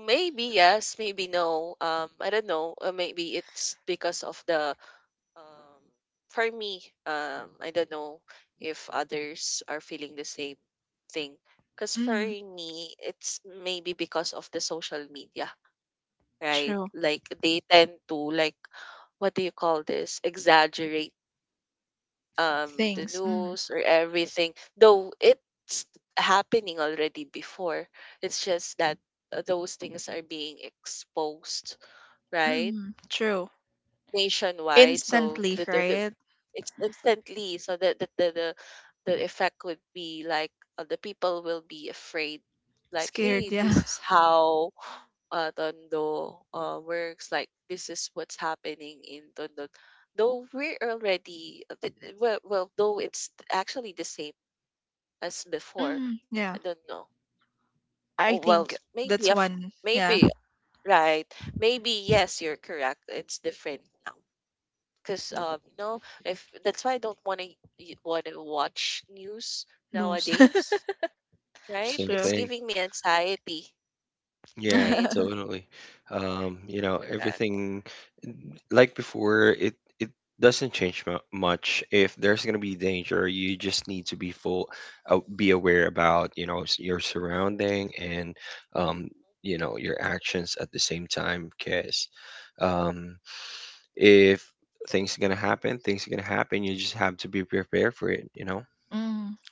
C: Maybe yes, maybe no. I don't know. Maybe it's because of the um for me, I don't know if others are feeling the same thing. Because for
A: Mm,
C: me, it's maybe because of the social media, right?
A: true.
C: Like they tend to like, what do you call this? Exaggerate the
A: Things. Mm.
C: news or everything, though it's happening already before. It's just that those things are being exposed, right?
A: Mm, true.
C: Nationwide, so
A: Instantly,
C: the
A: right?
C: it's instantly, so that the effect would be like the people will be afraid, like,
A: Scared,
C: hey,
A: yeah.
C: this is
A: [LAUGHS]
C: how Tondo works. Like, this is what's happening in Tondo. Though we're already well, though it's actually the same as before.
A: Mm, yeah.
C: I don't know.
A: I
C: Oh, well,
A: think that's
C: maybe of
A: one. Yeah,
C: maybe, right. Maybe yes, you're correct. It's different now because you know, if that's why I don't want to watch news
A: news.
C: nowadays,
A: [LAUGHS]
C: right?
B: same
A: True.
C: It's
B: thing.
C: giving me anxiety,
A: [LAUGHS]
B: Yeah,
C: right?
A: Mm.
B: totally. You know,
C: Correct.
B: everything like before. It doesn't change mu much. If there's gonna be danger, you just need to be full, be aware about, you know, your surrounding, and um, you know, your actions at the same time, because. Um, if things are gonna happen, things are gonna happen. You just have to be prepared for it. You know,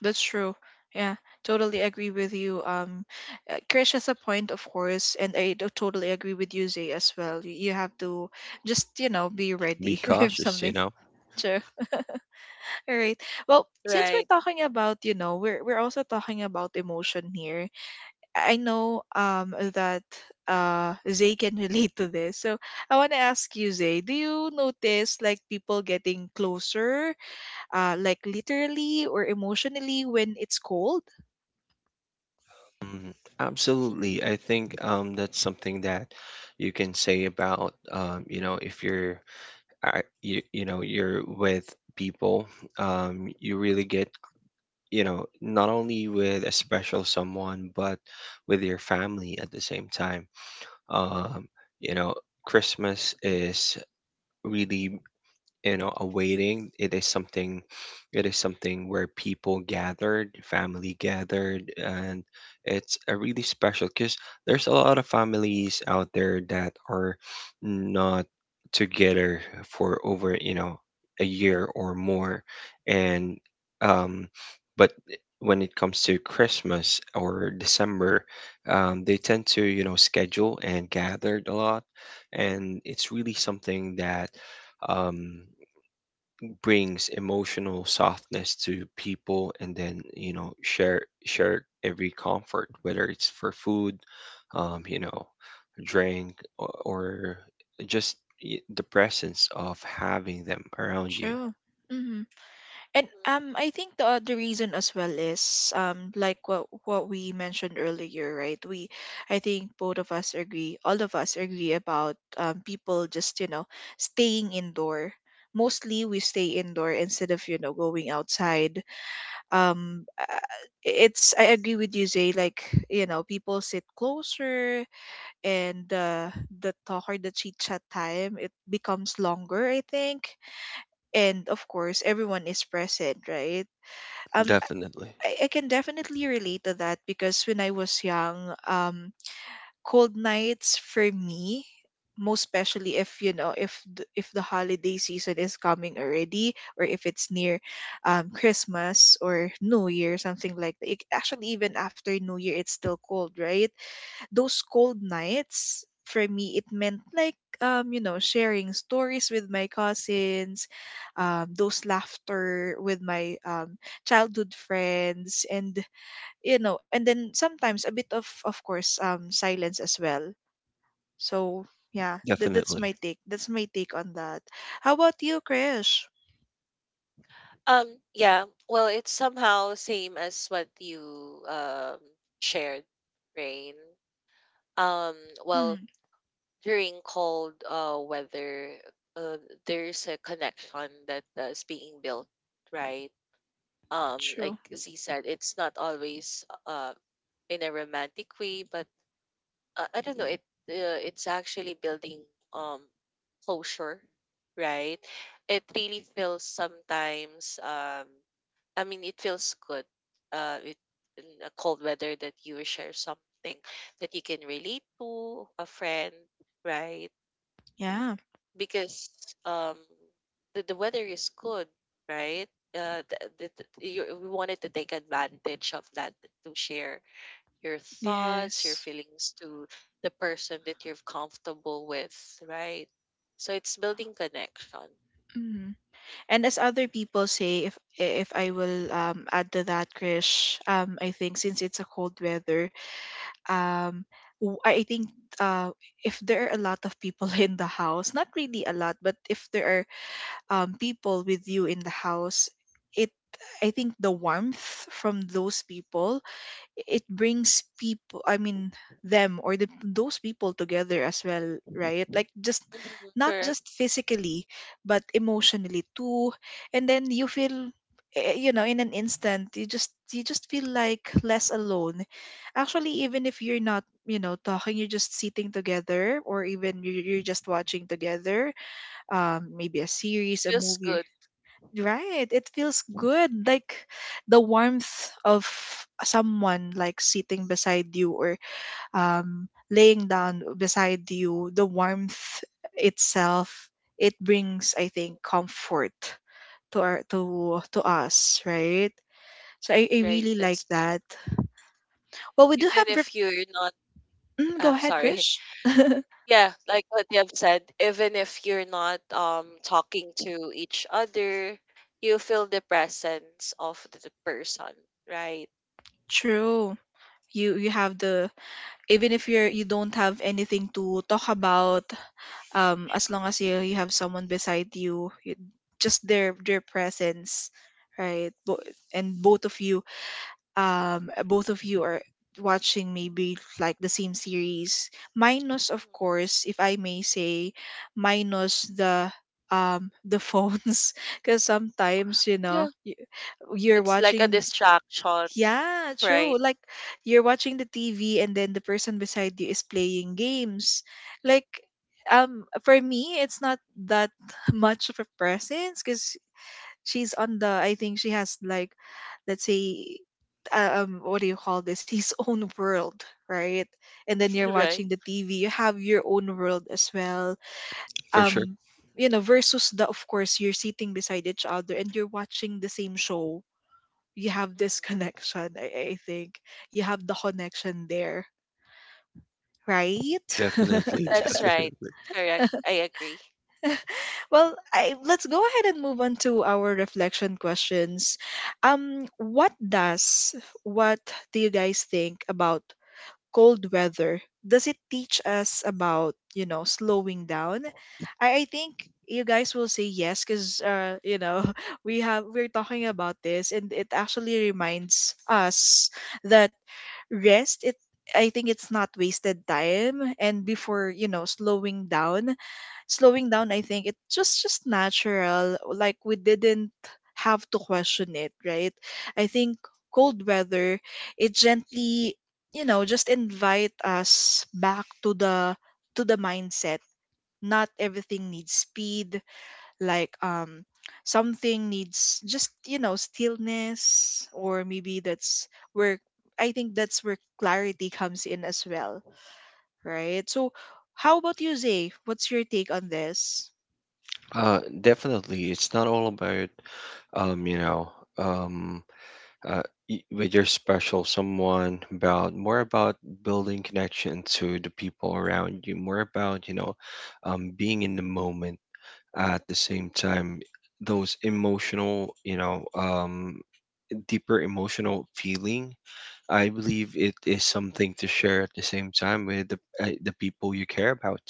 A: That's true. Yeah, totally agree with you. Krish has a point, of course, and I do totally agree with you, Zay, as well. You have to just, you know, be
B: be
A: ready [LAUGHS] if
B: cautious. You
A: something's
B: know.
A: true. All right. Well, since we're
C: Right.
A: talking about, you know, we're also talking about emotion here, I know that Zay can [LAUGHS] relate to this. So I want to ask you, Zay, do you notice like people getting closer, like literally or emotionally when it's cold?
B: Mm.
C: [LAUGHS]
B: Absolutely. I think that's something that you can say about, you know, if you're you, you know, you're with people, you really get, you know, not only with a special someone, but with your family at the same time, um you know, Christmas is really, you know, awaiting, it is something, it is something where people gathered, family gathered, and it's a really special because there's a lot of families out there that are not together for over, you know, a year or more, and um but when it comes to Christmas or December, they tend to, you know, schedule and gathered a lot, and it's really something that, um, brings emotional softness to people, and then, you know, share every comfort, whether it's for food, you know, drink, or just the presence of having them around you.
A: True. And
C: Mhm.
A: I think the other reason as well is like what we mentioned earlier, right? We, I think both of us agree, all of us agree about people just, you know, staying indoor. Mostly we stay indoor instead of, you know, going outside. Um, uh, it's, I agree with you, Zay. Like, you know, people sit closer, and the talk or the chit chat time, it becomes longer, I think. And of course, everyone is present, right? um
B: Definitely.
A: I can definitely relate to that, because when I was young, cold nights for me, most especially, if you know, if the holiday season is coming already, or if it's near Christmas or New Year, something like that. It, actually even after New Year, it's still cold, right? Those cold nights for me, it meant like, you know, sharing stories with my cousins, those laughter with my childhood friends, and you know, and then sometimes a bit of course, silence as well. So yeah, that, that's
B: Definitely.
A: my take, that's my take on that. How about you, Krish?
C: Yeah, well, it's somehow same as what you um shared, Rain. Um,
A: Mm.
C: well, during cold weather, uh, there's a connection that is being built, right? Like
A: True.
C: Z said, it's not always in a romantic way, but I don't know. It it's actually building um closure, right? It really feels sometimes. I mean, it feels good. Uh, it, in a cold weather that you share something that you can relate to a friend, right?
A: Yeah.
C: Because um, the, weather is good, right? Uh, th- th- th- we wanted to take advantage of that to share your thoughts, your
A: Yes.
C: feelings to the person that you're comfortable with, right? So it's building connection.
A: And as other people say, if I will add to that, Krish, I think since it's a cold weather, um, I think uh, if there are a lot of people [LAUGHS] in the house, not really a lot, but if there are people with you in the house, it, I think the warmth from those people, it brings people, I mean, them, or the, those people together as well, right? Like, just
C: Mhm.
A: not
C: Correct.
A: just physically, but emotionally too. And then you feel, eh, you know, in an instant, you just, you just feel like less alone. Actually, even if you're not, you know, talking, you're just sitting together, or even you- are you're just watching together, maybe a series, a
C: Feels
A: movie.
C: good.
A: Right. It feels good. Like, the warmth of someone like sitting beside you, or laying down beside you, the warmth itself, it brings, I
C: Mm,
A: think, comfort to our, to us, right? So I
C: right?
A: really like
C: That's correct.
A: that. Well, we do
C: Even
A: have
C: if you're not,
A: mm, go ahead,
C: sorry.
A: Krish.
C: [LAUGHS] Yeah, like what you have said, even if you're not talking to each other, you feel the presence of the person, right?
A: True. You have the, even if you're, you don't have anything to talk about, as long as you, you have someone beside you, you just their presence, right? And both of you are watching maybe like the same series,
C: Mhm.
A: minus of course, if I may say, minus the phones, [LAUGHS] because sometimes, you know,
C: Yeah,
A: you're
C: it's like a
A: watching,
C: distraction,
A: yeah,
C: right?
A: true. Like, you're watching the TV and then the person beside you is playing games. Like, for me, it's not that [LAUGHS] much of a presence, cuz she's on the, I think she has like, let's say, what do you call this, [LAUGHS] his own world, right? And then you're
C: [LAUGHS]
A: watching
C: Right.
A: the TV, you have your own world as well.
B: For sure.
A: Um you know, versus the, of course, you're sitting beside each other and you're watching the same show, you have this
C: Mhm.
A: connection. I think you have the connection there, right? [LAUGHS]
B: Definitely. [LAUGHS]
C: That's right.
B: Definitely.
C: Correct. I agree.
A: Well, let's go ahead and move on to our reflection questions. What does, what do you guys think about cold weather? Does it teach us about, you know, slowing down? I think you guys will say yes because you know [LAUGHS] we're talking about this, and it actually reminds us that rest it I think, it's not wasted time. And before you know slowing down, I think it's just natural. Like, we didn't have to question it, right? I think cold weather, it gently, just invite us back to the mindset. Not everything needs speed. like um Something needs just, you know, stillness, or maybe that's where, I think that's where clarity comes in as well, right? So how about you, Zay? What's your take on this?
B: Definitely it's not all about you know um uh, with your special someone, about more about building connection to the people around you, more about, you know, being in the moment at the same time, those emotional, you know, deeper emotional feeling, I believe it is something to share at the same time with the people you care about.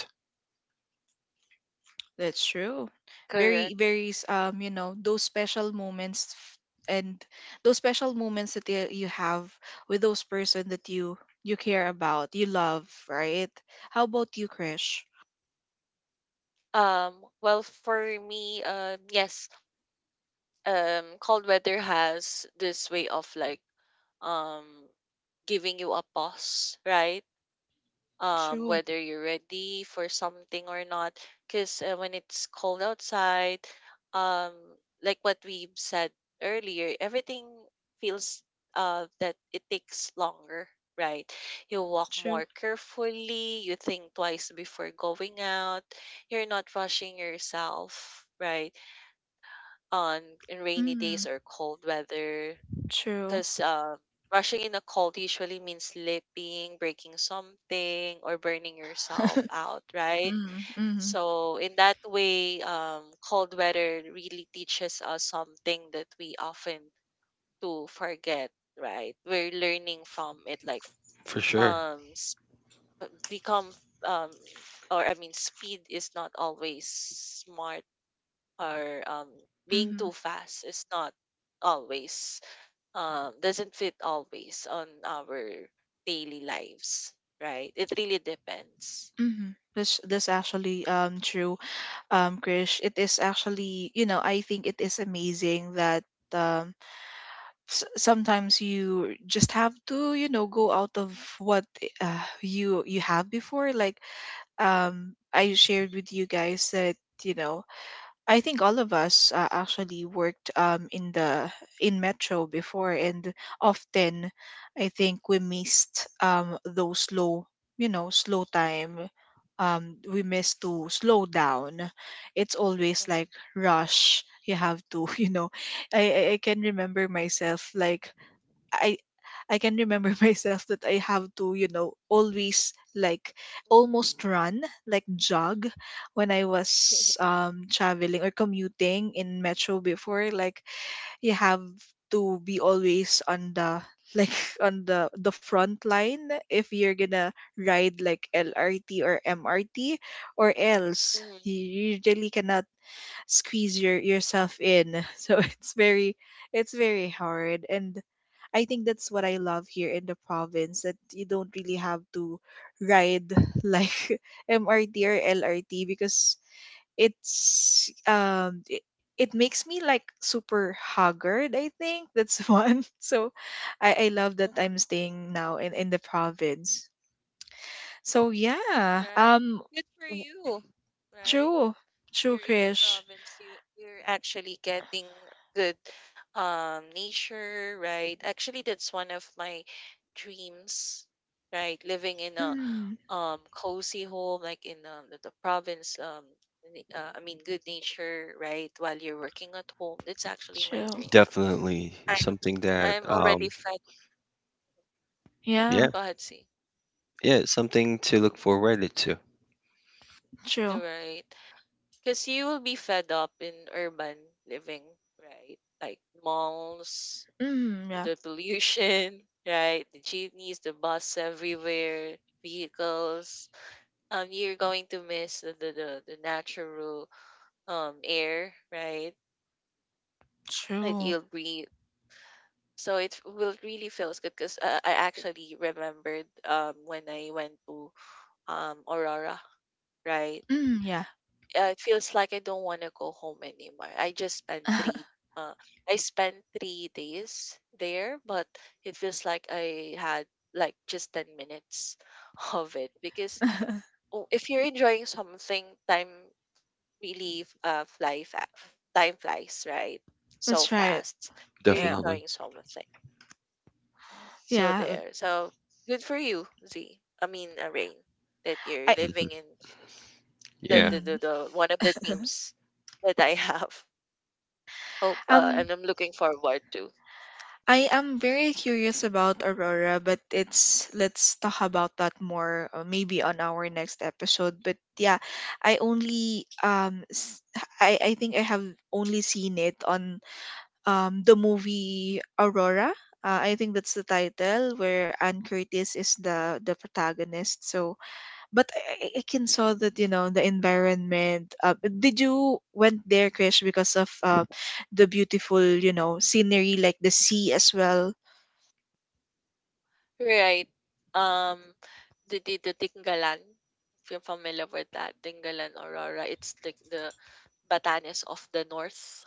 A: That's true.
C: Correct.
A: You know, those special moments, and those special moments that you have with those person that you care about, you love, right? How about you, Krish?
C: Um, well, for me, yes, cold weather has this way of like um giving you a pause, right?
A: True.
C: Whether you're ready for something or not. Because when it's cold outside, um, like what we said earlier, everything feels that it takes longer, right? You walk
A: True.
C: more carefully, you think twice before going out, you're not rushing yourself, right? On in rainy
A: Mm,
C: days or cold weather,
A: true.
C: because rushing in a cold usually means slipping, breaking something, or burning yourself
A: [LAUGHS]
C: out, right?
A: Mhm, mhm,
C: So, in that way, cold weather really teaches us something that we often do forget, right? We're learning from it, like
B: For sure.
C: um, s- become um, or I mean, speed is not always smart, or being
A: mhm,
C: too fast is not always doesn't fit always on our daily lives, right? It really depends.
A: mhm. That's actually, true, um, Krish. It is actually, you know, I think it is amazing that, um, sometimes you just have to, you know, go out of what you have before. Like, um, I shared with you guys that, you know, I think all of us actually worked, in the in metro before, and often I think we missed, those slow, you know, slow time. We miss to slow down. It's always like
C: Mhm.
A: rush. You have to, [LAUGHS] you know. I I can remember myself like, I I can remember [LAUGHS] myself that I have to, you know, always like
C: Mhm.
A: almost run, like jog, when I was,
C: [LAUGHS]
A: um, traveling or commuting in metro before. Like, you have to be always on the, like [LAUGHS] on the front line if you're gonna ride like LRT or MRT, or else
C: Mhm.
A: you usually cannot squeeze yourself in. [LAUGHS] So it's very, hard. And I think that's what I love here in the province, that you don't really have to ride [LAUGHS] like MRT or LRT, because it's, um, it makes me like super haggard. I think that's [LAUGHS] one. So I love that
C: Mhm.
A: I'm staying now in the province. So yeah,
C: Right.
A: um,
C: Good for
A: w-
C: you. Right?
A: true. True,
C: You're in a
A: Krish.
C: province, you're actually getting good nature, right? Actually, that's one of my dreams, right? Living in a
A: Mm,
C: cozy home, like in the province, I mean good nature, right? While you're working at home. That's actually my
A: true.
C: dream.
B: Definitely
C: I'm
B: something that,
C: I'm already fed,
A: Yeah,
B: yeah,
C: go ahead, see.
B: yeah, something to look forward to.
A: true.
C: Right. Because you will be fed up in urban living, right? Like malls,
A: Mm, yeah,
C: the pollution, [LAUGHS] right? The jeepneys, the bus everywhere, vehicles. You're going to miss the the natural air, right? That
A: true.
C: you'll breathe. So it will really feels good, because I actually remembered when I went to Aurora, right?
A: Mm, yeah.
C: It feels like I don't want to go home anymore. I just spent three
A: [LAUGHS]
C: uh I spent 3 days there, but it feels like I had like just 10 minutes [LAUGHS] of it, because oh, if you're enjoying something, time really time flies right so
A: That's right.
C: fast. If you're
A: Yeah.
B: Definitely.
C: enjoying something, so
A: Yeah.
C: there, so good for you, Z. I mean, Rain, that
A: I.
C: you're living in
B: [LAUGHS] Yeah.
A: Mm.
C: the one of the dreams that I [LAUGHS] have. Hope
A: Um,
C: and I'm looking forward to.
A: I am very curious about Aurora, but it's, let's talk about that more, maybe on our next episode. But yeah, I only, um, I think I have only seen it on, um, the movie Aurora. I think that's the title, where Anne Curtis is the protagonist. So, but I can saw that, you know, the environment. Did you went there, Krish, because of, the beautiful, you know, scenery, like the sea as well?
C: Right. Um the Tinggalan, if you're familiar with that, Tinggalan Aurora, it's like the Batanes of the North,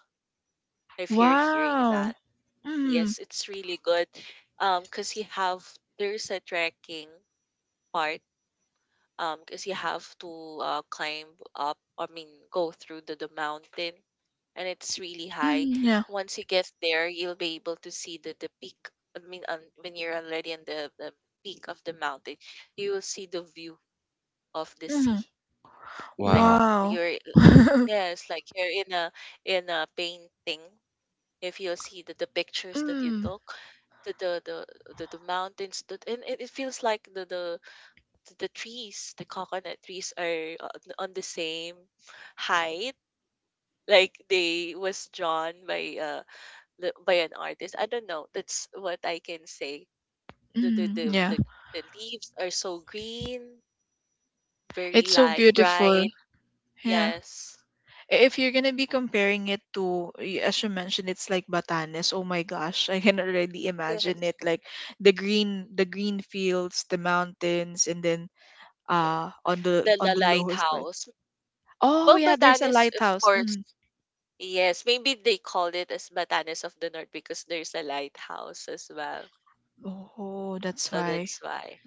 C: if you're hearing that.
A: Wow. Mm.
C: Yes, it's really good. Because you have there's a trekking part because you have to climb up, I mean, go through the, mountain, and it's really high.
A: Mm, yeah.
C: Once you get there, you'll be able to see the, peak, I mean, when you're already on the, peak of the mountain, you will see the view of the
A: Mm,
C: sea, like
B: Wow.
A: wow.
C: you're,
A: [LAUGHS]
C: yes, like you're in a painting, if you'll see the, pictures that you
A: Mm.
C: took, the the the the mountains that, and it feels like the trees, the coconut trees are on the same height. Like they was drawn by by an artist. I don't know. That's what I can say. The the
A: Mm,
C: the
A: yeah.
C: the, the leaves are so green, very
A: It's so
C: light,
A: beautiful.
C: bright.
A: Yeah.
C: Yes,
A: If you're gonna be comparing it to, as you mentioned, it's like Batanes. Oh my gosh, I can already imagine
C: yes.
A: it. Like the green fields, the mountains, and then, uh, on the,
C: The
A: on the lowest part.
C: lighthouse.
A: Oh
C: Well,
A: yeah, there's a
C: Batanes, of
A: lighthouse.
C: course.
A: Hmm.
C: Yes, maybe they call it as Batanes of the North because there's a lighthouse as well.
A: Oh, that's
C: So
A: why.
C: that's why.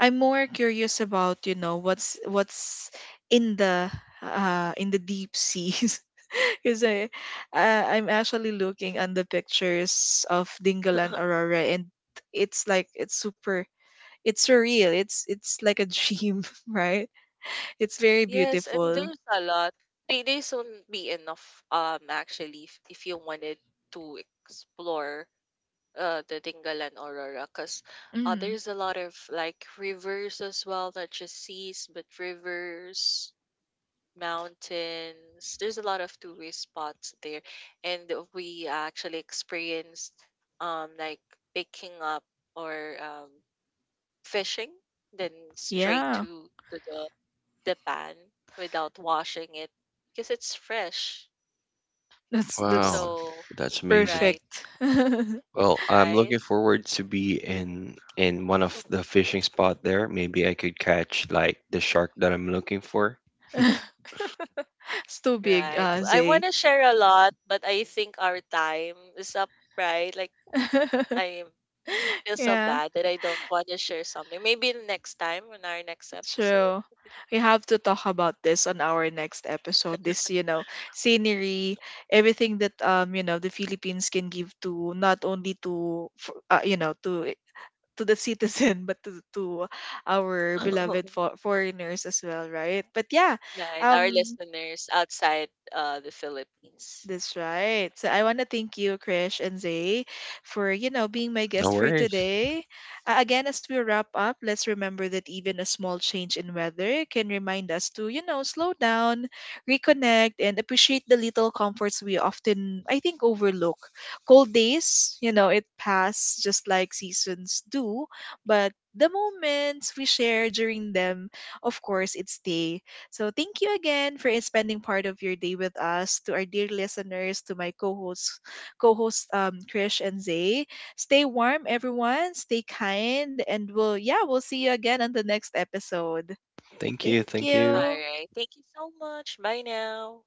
A: I'm more curious about, you know, what's in the, uh, in the deep seas, [LAUGHS] because I, I'm actually looking on the pictures of Dingalan
C: [LAUGHS]
A: Aurora, and it's like, it's super, it's surreal. It's like a dream, [LAUGHS] right? It's very
C: Yes, and
A: beautiful.
C: there's a lot. 3 days won't be enough, actually, if you wanted to explore the Dingalan Aurora, because
A: Mm,
C: there's a lot of like rivers as well, not just seas, but rivers, mountains. There's a lot of tourist spots there, and we actually experienced like picking up or fishing, then straight
A: yeah.
C: to the pan without washing it because it's fresh.
A: That's
B: Wow.
C: So,
B: That's amazing.
C: right,
A: perfect. [LAUGHS]
B: Well, I'm
C: right,
B: looking forward to be in one of
C: [LAUGHS]
B: the fishing spot there. Maybe I could catch like the shark that I'm looking for.
A: It's too big,
C: right. I want
A: Zay.
C: to share a lot, but I think our time is up, right? Like,
A: [LAUGHS]
C: I feel so
A: Yeah,
C: bad that I don't want to share something. Maybe next time on our next episode.
A: true. We have to talk about this on our next episode. This, you know, scenery, everything that, you know, the Philippines can give to, not only to, you know, to to the [LAUGHS] citizen but to our beloved
C: [LAUGHS]
A: foreigners as well, right? But yeah,
C: Right, our
A: um.
C: listeners outside the Philippines.
A: That's right. So I want to thank you, Krish and Zay, for, you know, being my
B: No
A: guest for
B: worries.
A: today. Again, as we wrap up, let's remember that even a small change in weather can remind us to, you know, slow down, reconnect, and appreciate the little comforts we often, I think, overlook. Cold days, you know, it pass just like seasons do, but the moments we share during them, of course, it stays. So thank you again for spending part of your day with us. To our dear listeners, to my co-hosts, Krish and Zay. Stay warm, everyone. Stay kind, and we'll, yeah, we'll see you again on the next episode.
B: Thank you.
A: Thank
B: Thank
C: All
B: you.
A: you.
C: right. Thank you so much. Bye now.